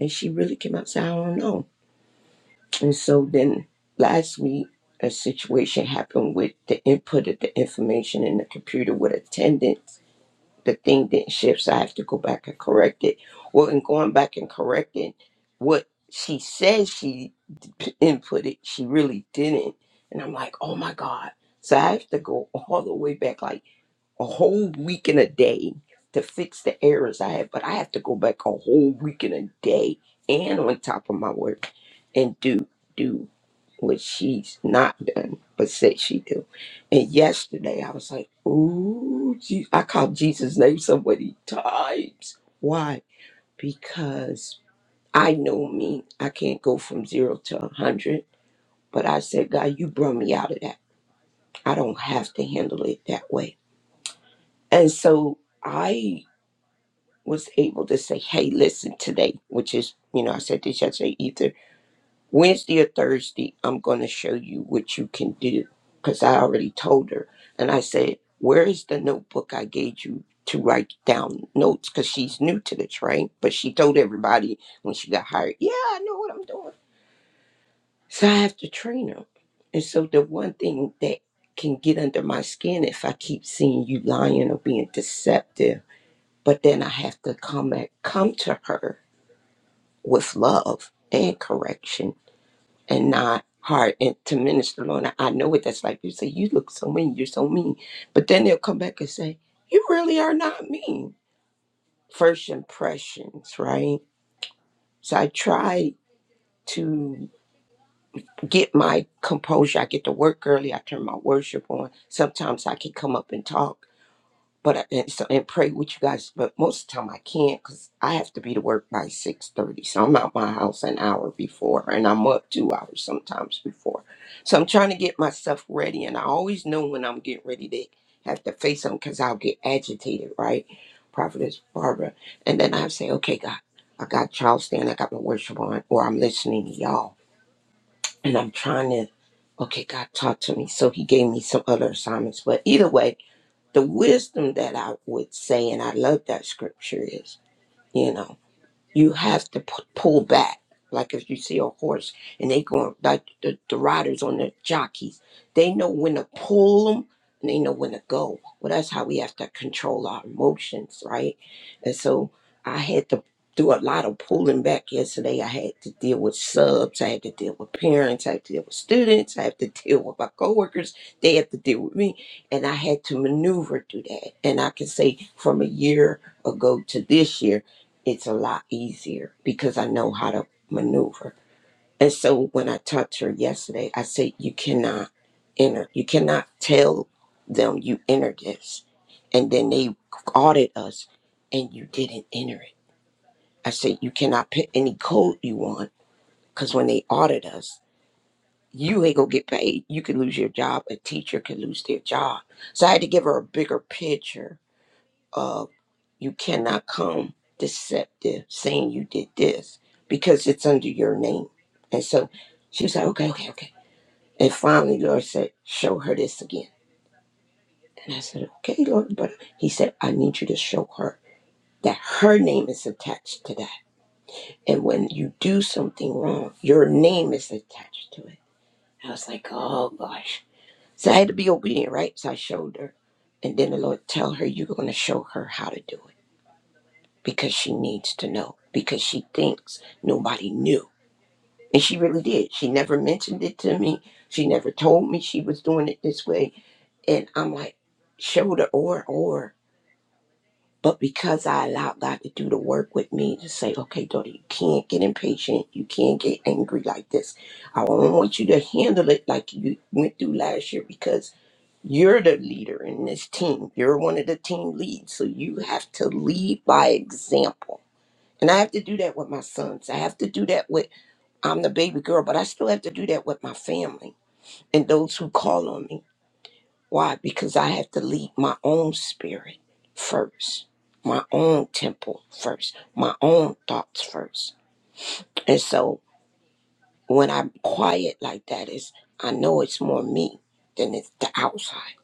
S4: And she really came out and said, I don't know. And so then last week, a situation happened with the input of the information in the computer with attendance. The thing didn't shift, so I have to go back and correct it. Well, in going back and correcting what she says she p- inputted, she really didn't. And I'm like, oh my God. So I have to go all the way back, like a whole week and a day to fix the errors I had, but I have to go back a whole week and a day and on top of my work and do do what she's not done but said she do. And yesterday I was like, ooh, Je- I called Jesus' name so many times. Why? Because I know me. I can't go from zero to a hundred. But I said, God, you brought me out of that. I don't have to handle it that way. And so I was able to say, hey, listen, today, which is, you know, I said this yesterday, either Wednesday or Thursday, I'm going to show you what you can do. Because I already told her. And I said, where is the notebook I gave you to write down notes? Because she's new to this, right? But she told everybody when she got hired, yeah, I know what I'm doing. So I have to train her. And so the one thing that can get under my skin if I keep seeing you lying or being deceptive, but then I have to come at, come to her with love and correction and not hard and to minister Lorna. I know what that's like. You say, You look so mean, you're so mean. But then they'll come back and say, You really are not mean. First impressions, right? So I try to get my composure. I get to work early. I turn my worship on. Sometimes I can come up and talk But I, and so and pray with you guys. But most of the time I can't because I have to be to work by six thirty. So I'm out my house an hour before, and I'm up two hours sometimes before. So I'm trying to get myself ready, and I always know when I'm getting ready to have to face them because I'll get agitated, right? Prophetess Barbara, and then I say, okay, God, I got child stand, I got my worship on, or I'm listening to y'all, and I'm trying to. Okay, God talk to me. So he gave me some other assignments. But either way, the wisdom that I would say, and I love that scripture is, you know you have to p- pull back. Like if you see a horse and they going like the, the riders on the jockeys, they know when to pull them and they know when to go. Well, that's how we have to control our emotions, right? And so I had to do a lot of pulling back yesterday. I had to deal with subs, I had to deal with parents, I had to deal with students, I had to deal with my coworkers. They had to deal with me, and I had to maneuver through that. And I can say from a year ago to this year it's a lot easier because I know how to maneuver. And so when I talked to her yesterday, I said, You cannot enter, you cannot tell them you entered this. And then they audit us and you didn't enter it. I said, You cannot put any code you want because when they audit us, you ain't gonna get paid. You could lose your job. A teacher could lose their job. So I had to give her a bigger picture of. You cannot come deceptive saying you did this because it's under your name. And so she was like, okay, okay, okay. And finally, Lord said, show her this again. And I said, okay, Lord. But he said, I need you to show her that her name is attached to that. And when you do something wrong, your name is attached to it. I was like, oh gosh. So I had to be obedient, right? So I showed her. And then the Lord tell her, you're going to show her how to do it. because she needs to know because she thinks nobody knew and she really did she never mentioned it to me she never told me she was doing it this way and i'm like shoulder or or but because i allowed god to do the work with me to say okay daughter you can't get impatient you can't get angry like this i don't want you to handle it like you went through last year because you're the leader in this team you're one of the team leads so you have to lead by example and I have to do that with my sons. I have to do that with, I'm the baby girl, but I still have to do that with my family and those who call on me. Why? Because I have to lead my own spirit first, my own temple first, my own thoughts first. And so when I'm quiet like that, is I know it's more me than it's the outside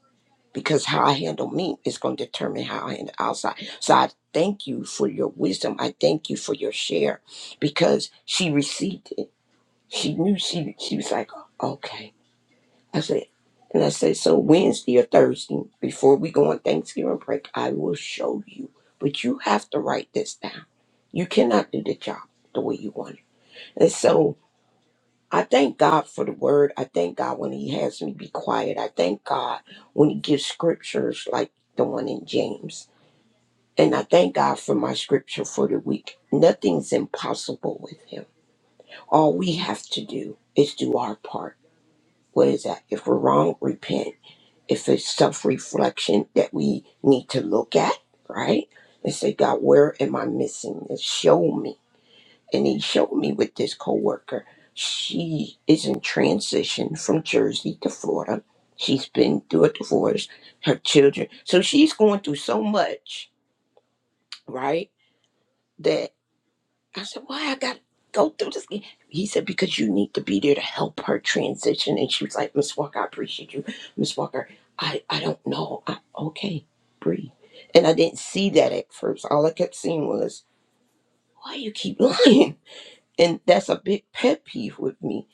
S4: because how I handle me is going to determine how I handle outside. So I thank you for your wisdom. I thank you for your share because she received it She knew she she was like, okay. I said, and I said, so Wednesday or Thursday, before we go on Thanksgiving break, I will show you. But you have to write this down. You cannot do the job the way you want it. And so I thank God for the word. I thank God when He has me be quiet. I thank God when He gives scriptures like the one in James. And I thank God for my scripture for the week. Nothing's impossible with Him. All we have to do is do our part what is that? If we're wrong, repent. If it's self reflection that we need to look at, right? And say, God, where am I missing this? Show me. And he showed me with this coworker. She is in transition from Jersey to Florida. She's been through a divorce, her children. So she's going through so much, right? That. I said, why I got to go through this? again?" He said, because you need to be there to help her transition. And she was like, Miss Walker, I appreciate you. Miss Walker, I, I don't know. I, okay, breathe. And I didn't see that at first. All I kept seeing was, why you keep lying? And that's a big pet peeve with me.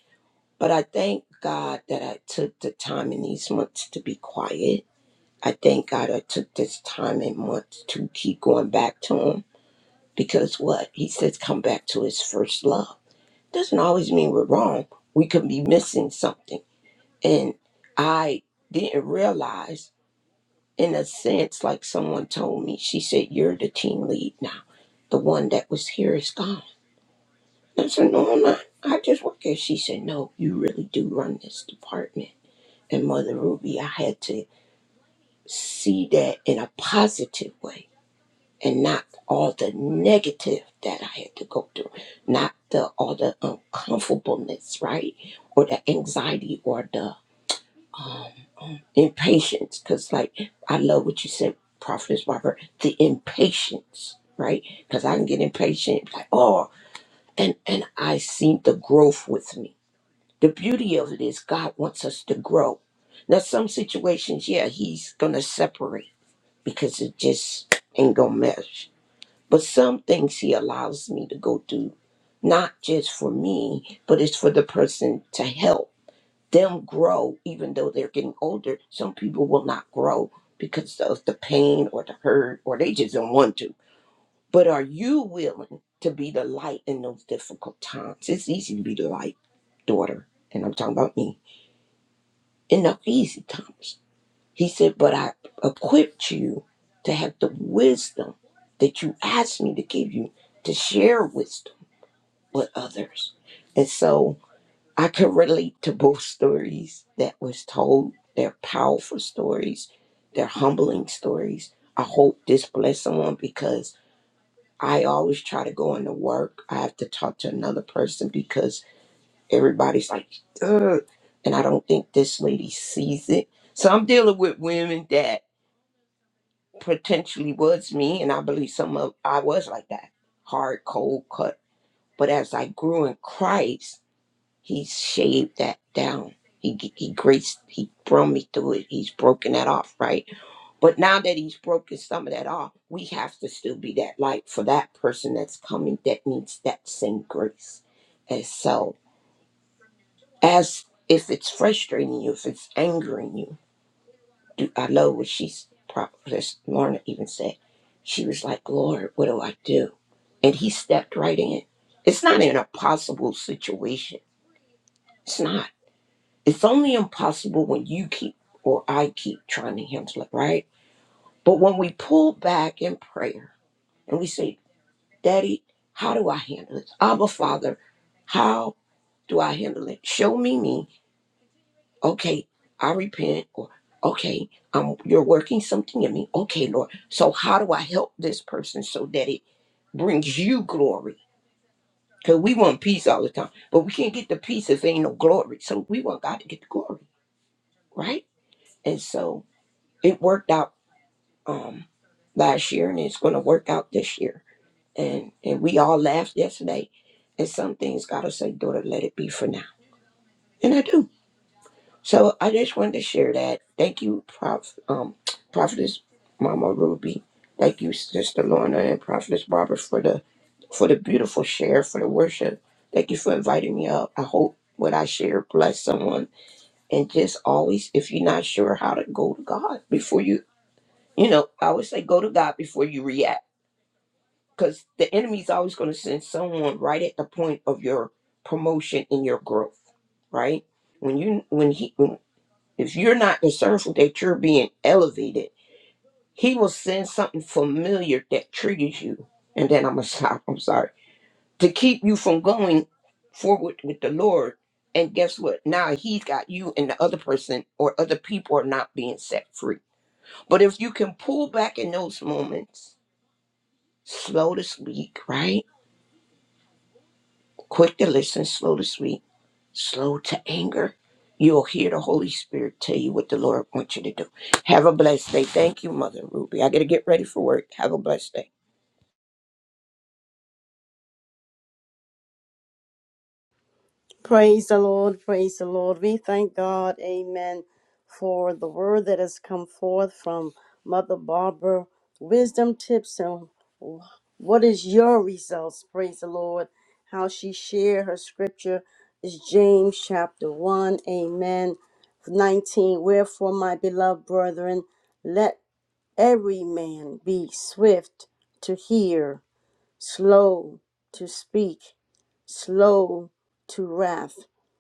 S4: But I thank God that I took the time in these months to be quiet. I thank God I took this time and months to keep going back to him. Because what? He says, come back to his first love doesn't always mean we're wrong. We could be missing something. And I didn't realize, in a sense, like someone told me, she said, You're the team lead now. The one that was here is gone. And I said, No, I'm not. I just work here. She said, No, you really do run this department. And Mother Ruby, I had to see that in a positive way and not all the negative that I had to go through, not the all the uncomfortableness, right, or the anxiety or the impatience. Because like I love what you said, Prophetess Barbara, the impatience, right? Because I can get impatient, like oh, and and I see the growth with me. The beauty of it is God wants us to grow. Now some situations, yeah, He's gonna separate because it just ain't gonna mesh But some things he allows me to go through, not just for me, but it's for the person to help them grow, even though they're getting older. Some people will not grow because of the pain or the hurt, or they just don't want to. But are you willing to be the light in those difficult times? It's easy to be the light, daughter, and I'm talking about me, in the easy times. He said, But I equipped you to have the wisdom that you asked me to give you to share wisdom with others. And so I could relate to both stories that was told. They're powerful stories, they're humbling stories. I hope this blessed someone because I always try to go into work. I have to talk to another person because everybody's like, Ugh. and I don't think this lady sees it. So I'm dealing with women that potentially was me, and I believe some of I was like that, hard, cold cut. But as I grew in Christ, He shaved that down. He He graced, He brought me through it. He's broken that off, right? But now that He's broken some of that off, we have to still be that light for that person that's coming that needs that same grace. And so, as if it's frustrating you, if it's angering you And I know what she's prophetess Lorna even said. She was like, Lord, what do I do? And he stepped right in. It's not an impossible situation. It's not. It's only impossible when you keep or I keep trying to handle it, right? But when we pull back in prayer and we say, Daddy, how do I handle this? Abba Father, how do I handle it? Show me me okay, I repent, or okay, um, you're working something in me. Okay, Lord. So how do I help this person so that it brings you glory? Because we want peace all the time, but we can't get the peace if there ain't no glory. So we want God to get the glory, right? And so it worked out um last year and it's gonna work out this year. And and we all laughed yesterday. And some things gotta say, daughter, let it be for now. And I do. So I just wanted to share that. Thank you, Prof, um, Prophetess Mama Ruby. Thank you, Sister Lorna and Prophetess Barbara for the for the beautiful share, for the worship. Thank you for inviting me up. I hope what I share bless someone. And just always, if you're not sure how to go to God before you, you know, I always say go to God before you react, because the enemy's always going to send someone right at the point of your promotion and your growth, right? When you when he when if you're not discerning that you're being elevated, he will send something familiar that triggers you. And then I'm gonna stop. I'm sorry to keep you from going forward with the Lord. And guess what? Now he's got you and the other person or other people are not being set free. But if you can pull back in those moments, slow to speak, right? Quick to listen, slow to speak slow to anger. You'll hear the Holy Spirit tell you what the Lord wants you to do. Have a blessed day. Thank you, Mother Ruby. I got to get ready for work. Have a blessed day.
S2: Praise the Lord, praise the Lord. We thank God, amen, for the word that has come forth from Mother Barbara. Wisdom tips and what is your results? Praise the Lord. How she shared her scripture is James chapter 1, amen. 19. Wherefore, my beloved brethren, let every man be swift to hear, slow to speak, slow to wrath.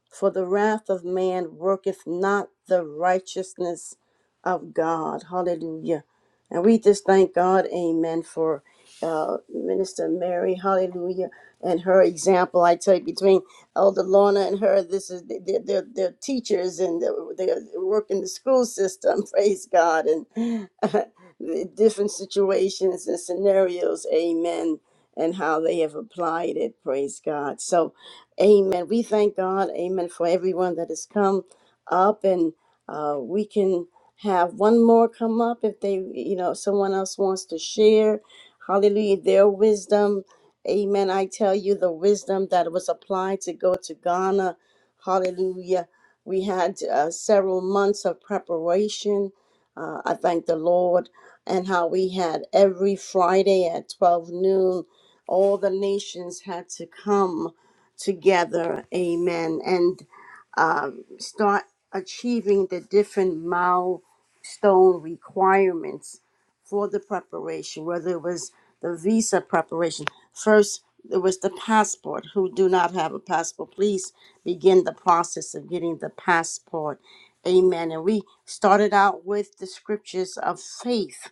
S2: For the wrath of man worketh not the righteousness of God. Hallelujah. And we just thank God, amen, for uh, Minister Mary, hallelujah, and her example. I tell you, between Elder Lorna and her, this is they're, they're, they're teachers and they're, they work in the school system, praise God, and the different situations and scenarios, amen and how they have applied it. Praise God. So, amen. We thank God, amen, for everyone that has come up and uh, we can have one more come up if they, you know, someone else wants to share. Hallelujah. Their wisdom. Amen. I tell you, the wisdom that was applied to go to Ghana. Hallelujah. We had uh, several months of preparation. Uh, I thank the Lord and how we had every Friday at 12 noon all the nations had to come together, amen, and um, start achieving the different milestone requirements for the preparation, whether it was the visa preparation. First, it was the passport. Who do not have a passport, please begin the process of getting the passport. Amen. And we started out with the scriptures of faith.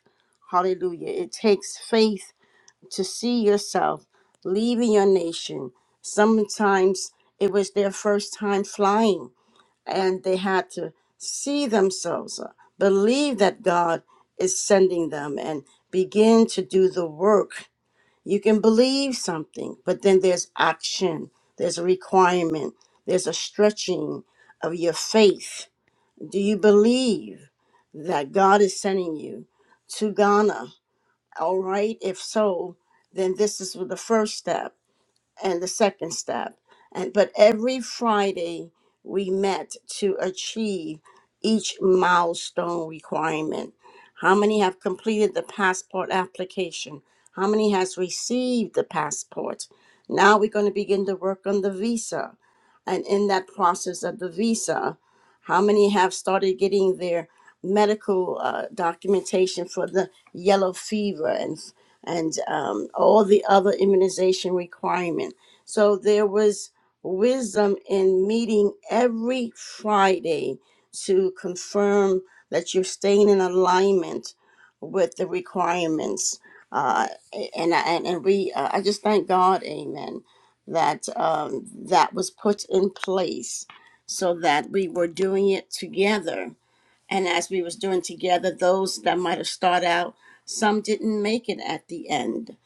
S2: Hallelujah. It takes faith to see yourself leaving your nation. Sometimes it was their first time flying, and they had to see themselves, uh, believe that God is sending them, and begin to do the work. You can believe something, but then there's action, there's a requirement, there's a stretching of your faith. Do you believe that God is sending you to Ghana? All right, if so, then this is the first step and the second step. And but every Friday we met to achieve each milestone requirement. How many have completed the passport application? How many has received the passport? Now we're going to begin to work on the visa. And in that process of the visa, how many have started getting their medical uh, documentation for the yellow fever and and um, all the other immunization requirement. So there was wisdom in meeting every Friday to confirm that you're staying in alignment with the requirements. Uh, and, and and we, uh, I just thank God, Amen, that um, that was put in place so that we were doing it together and as we was doing together those that might have started out some didn't make it at the end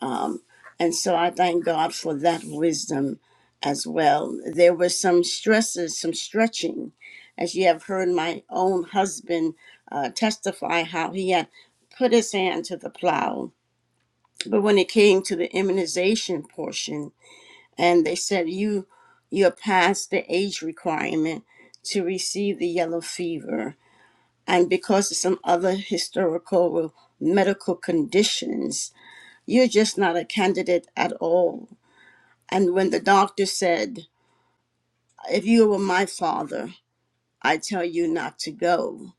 S2: um, and so i thank god for that wisdom as well there were some stresses some stretching as you have heard my own husband uh, testify how he had put his hand to the plow but when it came to the immunization portion and they said you you're past the age requirement to receive the yellow fever and because of some other historical or medical conditions, you're just not a candidate at all. And when the doctor said, If you were my father, I tell you not to go,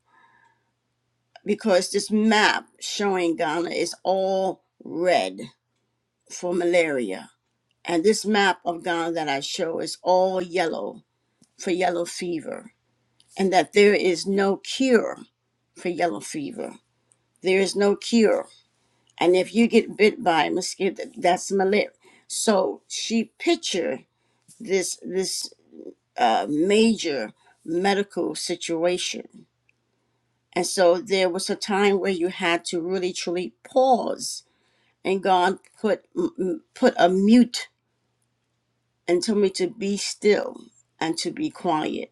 S2: because this map showing Ghana is all red for malaria. And this map of Ghana that I show is all yellow for yellow fever, and that there is no cure for yellow fever. There is no cure and if you get bit by a mosquito that's malaria so she pictured this this uh, major medical situation and so there was a time where you had to really truly pause and god put put a mute and told me to be still and to be quiet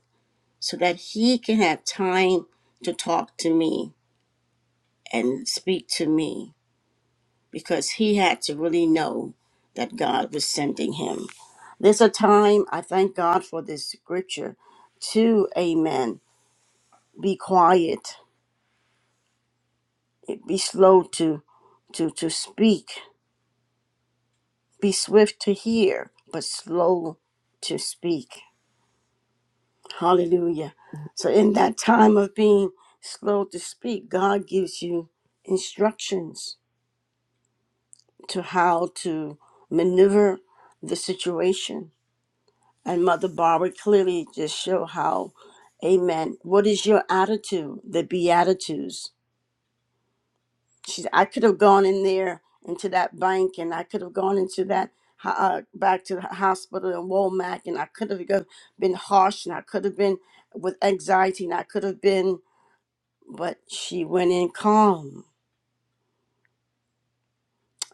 S2: so that he can have time to talk to me and speak to me because he had to really know that God was sending him. There's a time, I thank God for this scripture, to amen. Be quiet, be slow to, to, to speak, be swift to hear, but slow to speak. Hallelujah. So, in that time of being slow to speak, God gives you instructions to how to maneuver the situation And Mother Barbara clearly just show how, Amen. What is your attitude? The Beatitudes. She, I could have gone in there into that bank, and I could have gone into that ho- uh, back to the hospital in Womack, and I could have go- been harsh, and I could have been with anxiety, and I could have been. But she went in calm,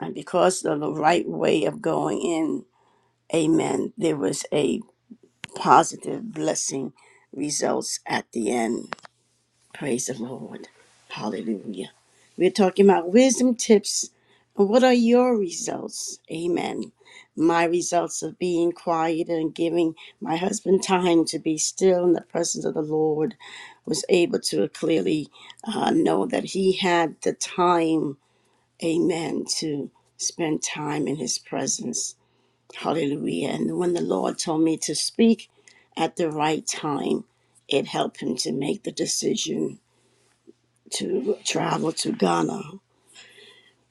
S2: and because of the right way of going in, Amen. There was a positive blessing results at the end. Praise the Lord. Hallelujah. We're talking about wisdom tips. What are your results? Amen. My results of being quiet and giving my husband time to be still in the presence of the Lord was able to clearly uh, know that he had the time, amen, to spend time in his presence. Hallelujah. And when the Lord told me to speak at the right time, it helped him to make the decision to travel to Ghana.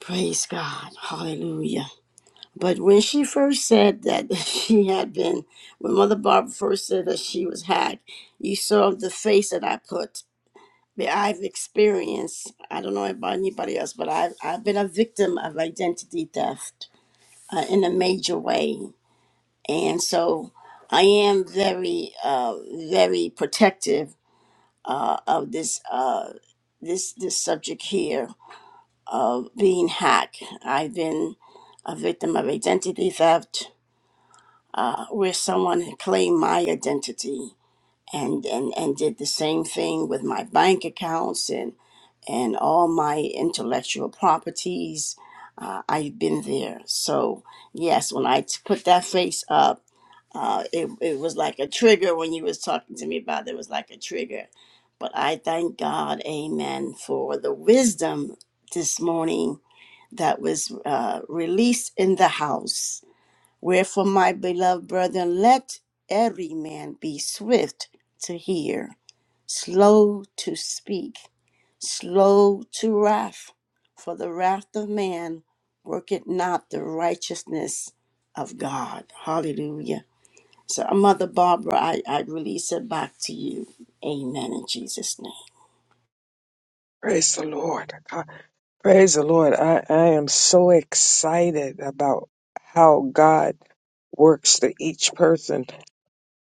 S2: Praise God. Hallelujah. But when she first said that she had been, when Mother Barbara first said that she was hacked, you saw the face that I put. That I've experienced, I don't know about anybody else, but I've, I've been a victim of identity theft uh, in a major way. And so I am very, uh, very protective uh, of this, uh, this, this subject here of being hacked. I've been a victim of identity theft, uh, where someone had claimed my identity and, and, and did the same thing with my bank accounts and, and all my intellectual properties. Uh, I've been there. So, yes, when I t- put that face up, uh, it, it was like a trigger when you was talking to me about it, it was like a trigger. But I thank God, amen, for the wisdom this morning that was uh, released in the house. Wherefore, my beloved brethren, let every man be swift to hear, slow to speak, slow to wrath, for the wrath of man worketh not the righteousness of God. Hallelujah. So, Mother Barbara, I, I release it back to you. Amen in Jesus' name.
S3: Praise the Lord. God- Praise the Lord. I, I am so excited about how God works to each person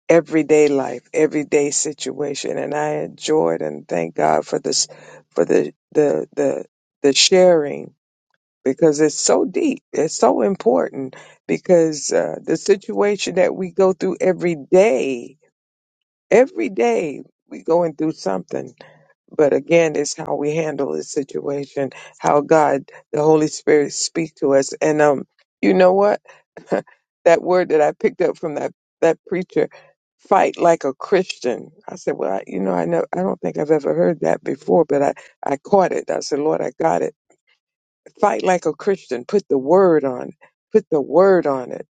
S3: everyday life, everyday situation, and I enjoyed and thank God for this, for the the the the sharing because it's so deep, it's so important because uh, the situation that we go through every day, every day we going through something, but again, it's how we handle the situation, how God, the Holy Spirit, speak to us, and um, you know what? that word that I picked up from that that preacher, fight like a Christian. I said, well, I, you know, I know, I don't think I've ever heard that before, but I I caught it. I said, Lord, I got it. Fight like a Christian. Put the word on. it. Put the word on it.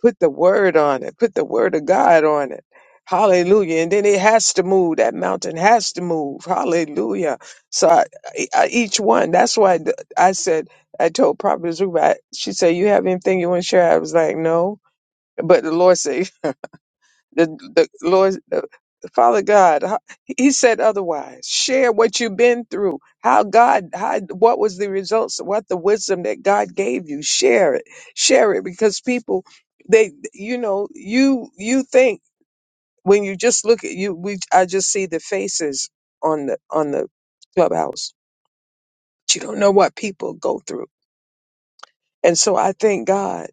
S3: Put the word on it. Put the word of God on it. Hallelujah. And then it has to move. That mountain has to move. Hallelujah. So I, I, I- each one, that's why I said, I told Prophet Zuba, she said, you have anything you want to share? I was like, no but the Lord say, the, the Lord, the Father God, how- He said otherwise. Share what you've been through. How God, how what was the results? What the wisdom that God gave you? Share it. Share it because people, they, you know, you you think when you just look at you, we I just see the faces on the on the clubhouse. But you don't know what people go through, and so I thank God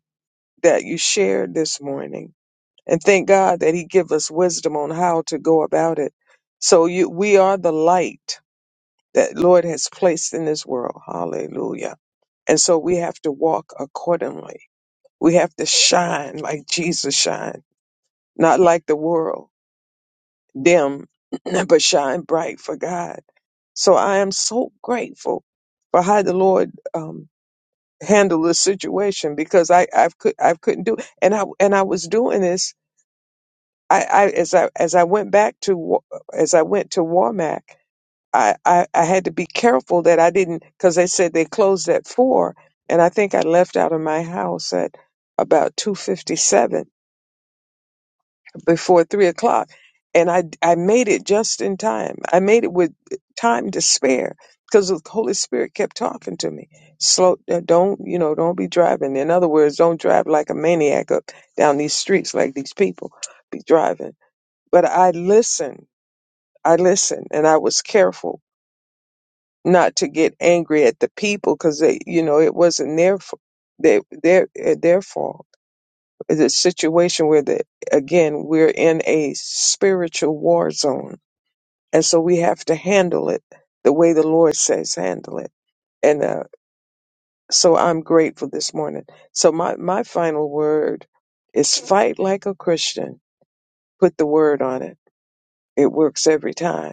S3: that you shared this morning and thank God that He give us wisdom on how to go about it. So you, we are the light that Lord has placed in this world. Hallelujah. And so we have to walk accordingly. We have to shine like Jesus shine, not like the world, dim, but shine bright for God. So I am so grateful for how the Lord um, handled this situation because I I could I couldn't do and I and I was doing this I, I as I as I went back to Wa- as I went to Warmac, I, I I had to be careful that I didn't because they said they closed at four, and I think I left out of my house at about two fifty seven before three o'clock, and I I made it just in time. I made it with time to spare because the Holy Spirit kept talking to me. Slow, uh, don't you know? Don't be driving. In other words, don't drive like a maniac up down these streets like these people be driving. But I listened I listened and I was careful not to get angry at the people because they, you know, it wasn't their f- they, their eh, their fault. It's a situation where the again we're in a spiritual war zone, and so we have to handle it the way the Lord says handle it. And uh, so I'm grateful this morning. So my my final word is fight like a Christian. Put the word on it. It works every time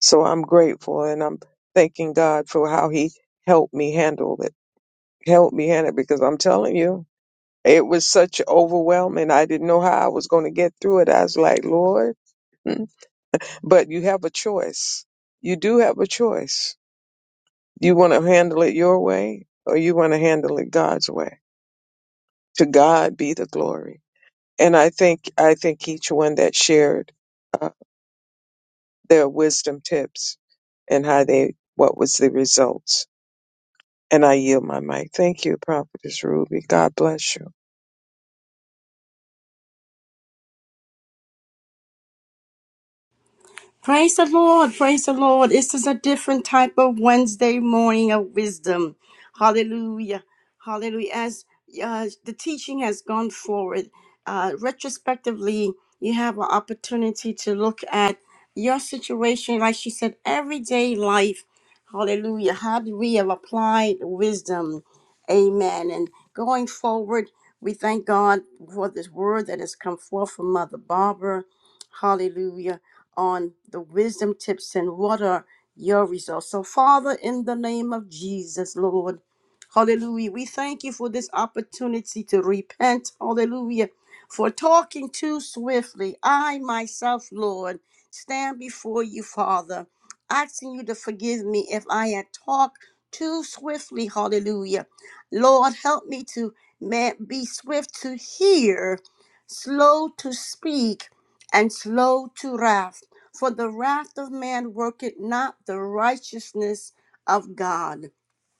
S3: So I'm grateful and I'm thanking God for how he helped me handle it. Helped me handle it because I'm telling you, it was such overwhelming. I didn't know how I was going to get through it. I was like, Lord, mm. but you have a choice. You do have a choice. You want to handle it your way or you want to handle it God's way. To God be the glory. And I think, I think each one that shared uh, their wisdom tips and how they, what was the results And I yield my mic. Thank you, Prophetess Ruby. God bless you.
S2: Praise the Lord. Praise the Lord. This is a different type of Wednesday morning of wisdom. Hallelujah. Hallelujah. As uh, the teaching has gone forward, uh, retrospectively, you have an opportunity to look at your situation, like she said, everyday life. Hallelujah. How do we have applied wisdom? Amen. And going forward, we thank God for this word that has come forth from Mother Barbara. Hallelujah on the wisdom tips and what are your results. So, Father, in the name of Jesus, Lord, hallelujah, we thank you for this opportunity to repent, hallelujah, for talking too swiftly. I myself, Lord, stand before you, Father, asking you to forgive me if I had talked too swiftly, hallelujah. Lord, help me to man, be swift to hear, slow to speak and slow to wrath, for the wrath of man worketh not the righteousness of God.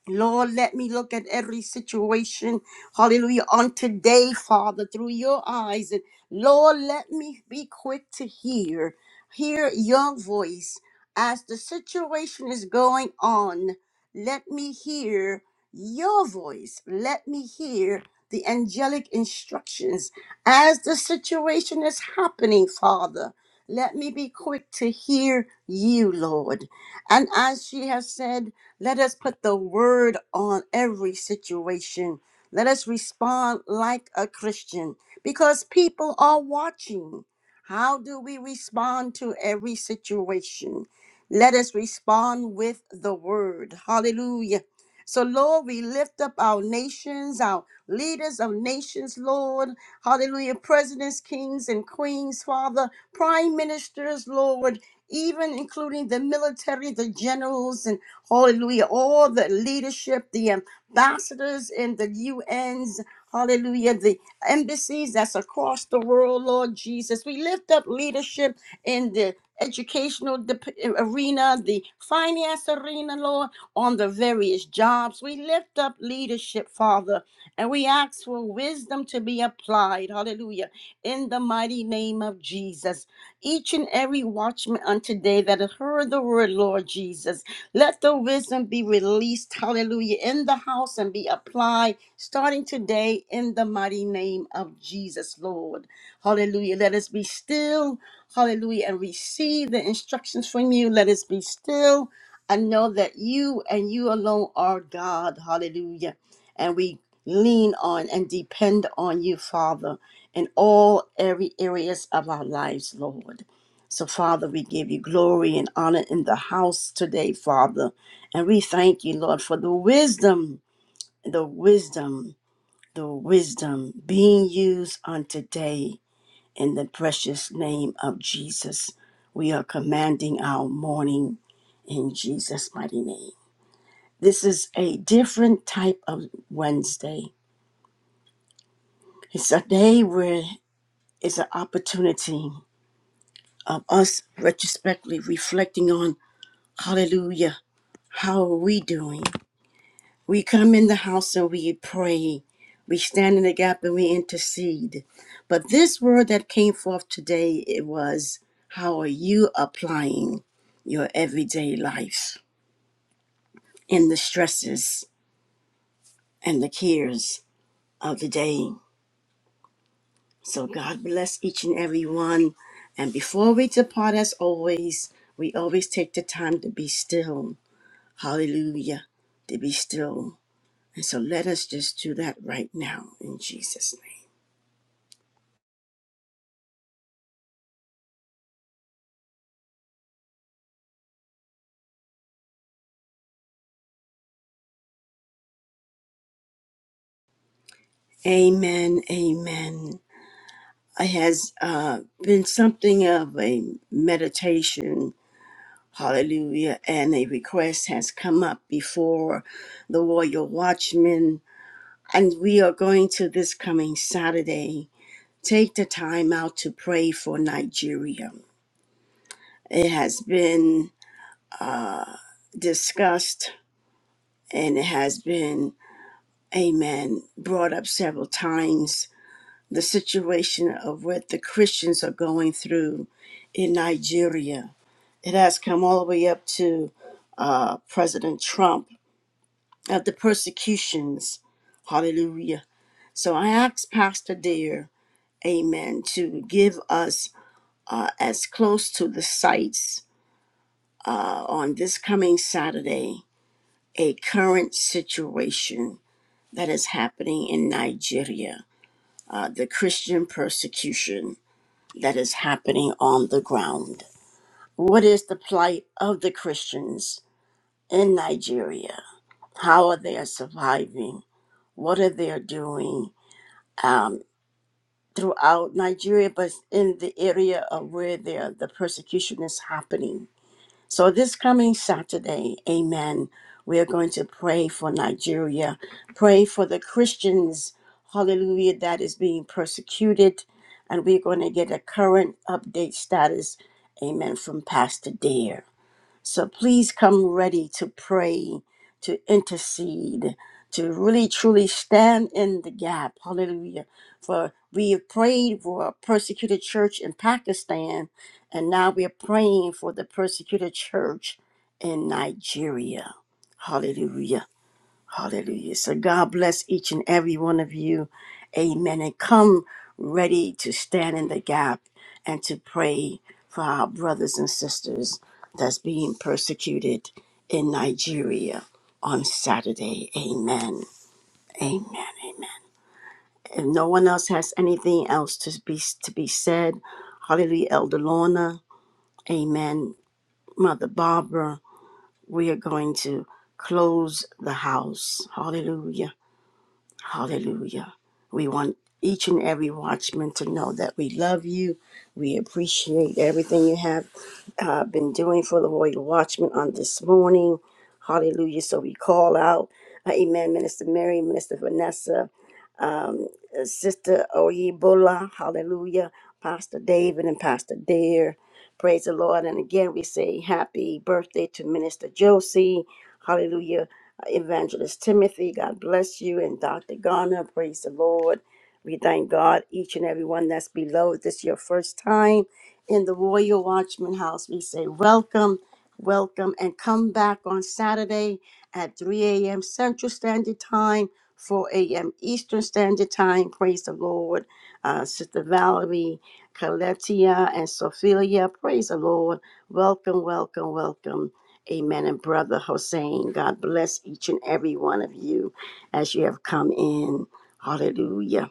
S2: Lord, let me look at every situation, hallelujah, on today, Father, through your eyes. And Lord, let me be quick to hear, hear your voice as the situation is going on. Let me hear your voice. Let me hear the angelic instructions as the situation is happening, Father. Let me be quick to hear you, Lord. And as she has said, let us put the word on every situation. Let us respond like a Christian because people are watching. How do we respond to every situation? Let us respond with the word. Hallelujah. So, Lord, we lift up our nations, our leaders of nations, Lord. Hallelujah. Presidents, kings, and queens, Father, prime ministers, Lord, even including the military, the generals, and hallelujah, all the leadership, the ambassadors in the UNs, hallelujah, the embassies that's across the world, Lord Jesus. We lift up leadership in the educational dep- arena, the finance arena, Lord on the various jobs. We lift up leadership, Father, and we ask for wisdom to be applied. Hallelujah. In the mighty name of Jesus. Each and every watchman unto day that has heard the word, Lord Jesus, let the wisdom be released. Hallelujah. In the house and be applied starting today in the mighty name of Jesus, Lord. Hallelujah. Let us be still. Hallelujah. And receive the instructions from you. Let us be still I know that you and you alone are God. Hallelujah. And we lean on and depend on you, Father, in all every areas of our lives, Lord. So, Father, we give you glory and honor in the house today, Father. And we thank you, Lord, for the wisdom, the wisdom, the wisdom being used on today in the precious name of Jesus. We are commanding our morning in Jesus' mighty name. This is a different type of Wednesday. It's a day where it's an opportunity of us retrospectively reflecting on hallelujah, how are we doing? We come in the house and we pray. We stand in the gap and we intercede. But this word that came forth today, it was how are you applying your everyday life in the stresses and the cares of the day? So God bless each and every one. And before we depart, as always, we always take the time to be still. Hallelujah. To be still. And so let us just do that right now in Jesus' name. Amen. Amen. It has uh, been something of a meditation. Hallelujah. And a request has come up before the Warrior Watchman. And we are going to this coming Saturday. take the time out to pray for Nigeria. It has been discussed and it has been, amen, brought up several times. The situation of what the Christians are going through in Nigeria. It has come all the way up to uh, President Trump of the persecutions. Hallelujah. So I asked Pastor Dear, amen, to give us uh, as close to the sites uh, on this coming Saturday a current situation that is happening in Nigeria, uh, the Christian persecution that is happening on the ground. What is the plight of the Christians in Nigeria? How are they surviving? What are they doing um, throughout Nigeria, but in the area of where they are- the persecution is happening? So this coming Saturday, amen, we are going to pray for Nigeria, pray for the Christians, hallelujah, that is being persecuted. And we're going to get a current update status, amen, from Pastor Dare. So please come ready to pray, to intercede, to really truly stand in the gap. Hallelujah. For we have prayed for a persecuted church in Pakistan, and now we are praying for the persecuted church in Nigeria. Hallelujah. Hallelujah. So God bless each and every one of you. Amen. And come ready to stand in the gap and to pray for our brothers and sisters that's being persecuted in Nigeria on Saturday. Amen. Amen. Amen. If no one else has anything else to be to be said, hallelujah, Elder Lorna. Amen. Mother Barbara, we are going to close the house. Hallelujah. Hallelujah. We want each and every watchman to know that we love you. We appreciate everything you have uh, been doing for the Royal Watchman on this morning. Hallelujah. So we call out, uh, Amen, Minister Mary, Minister Vanessa, um, uh, Sister Oyebola, Hallelujah, Pastor David and Pastor Dare. Praise the Lord. And again, we say happy birthday to Minister Josie. Hallelujah Evangelist Timothy. God bless you. And Dr. Garner, praise the Lord. We thank God, each and every one that's below. If this is your first time in the Royal Watchman House, we say welcome, welcome, and come back on Saturday at 3 a.m. Central Standard Time, 4 a.m. Eastern Standard Time. Praise the Lord. Uh, Sister Valerie, Coletia, and Sophia, praise the Lord. Welcome, welcome, welcome. Amen. And Brother Hossein, God bless each and every one of you as you have come in. Hallelujah.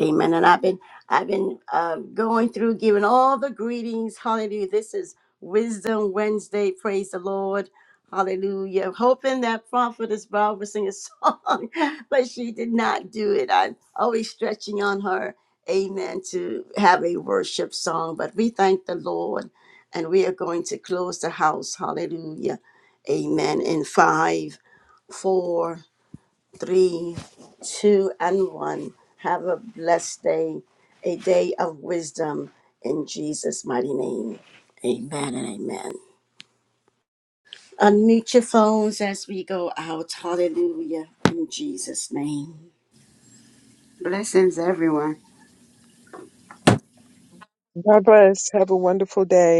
S2: Amen. And I've been I've been uh, going through giving all the greetings. Hallelujah. This is Wisdom Wednesday. Praise the Lord. Hallelujah. Hoping that prophetess Bob would sing a song, but she did not do it. I'm always stretching on her. Amen. To have a worship song, but we thank the Lord, and we are going to close the house. Hallelujah. Amen. In five, four three, two, and one. Have a blessed day, a day of wisdom in Jesus' mighty name. Amen and amen. Unmute your phones as we go out. Hallelujah. In Jesus' name.
S1: Blessings, everyone.
S3: God bless. Have a wonderful day.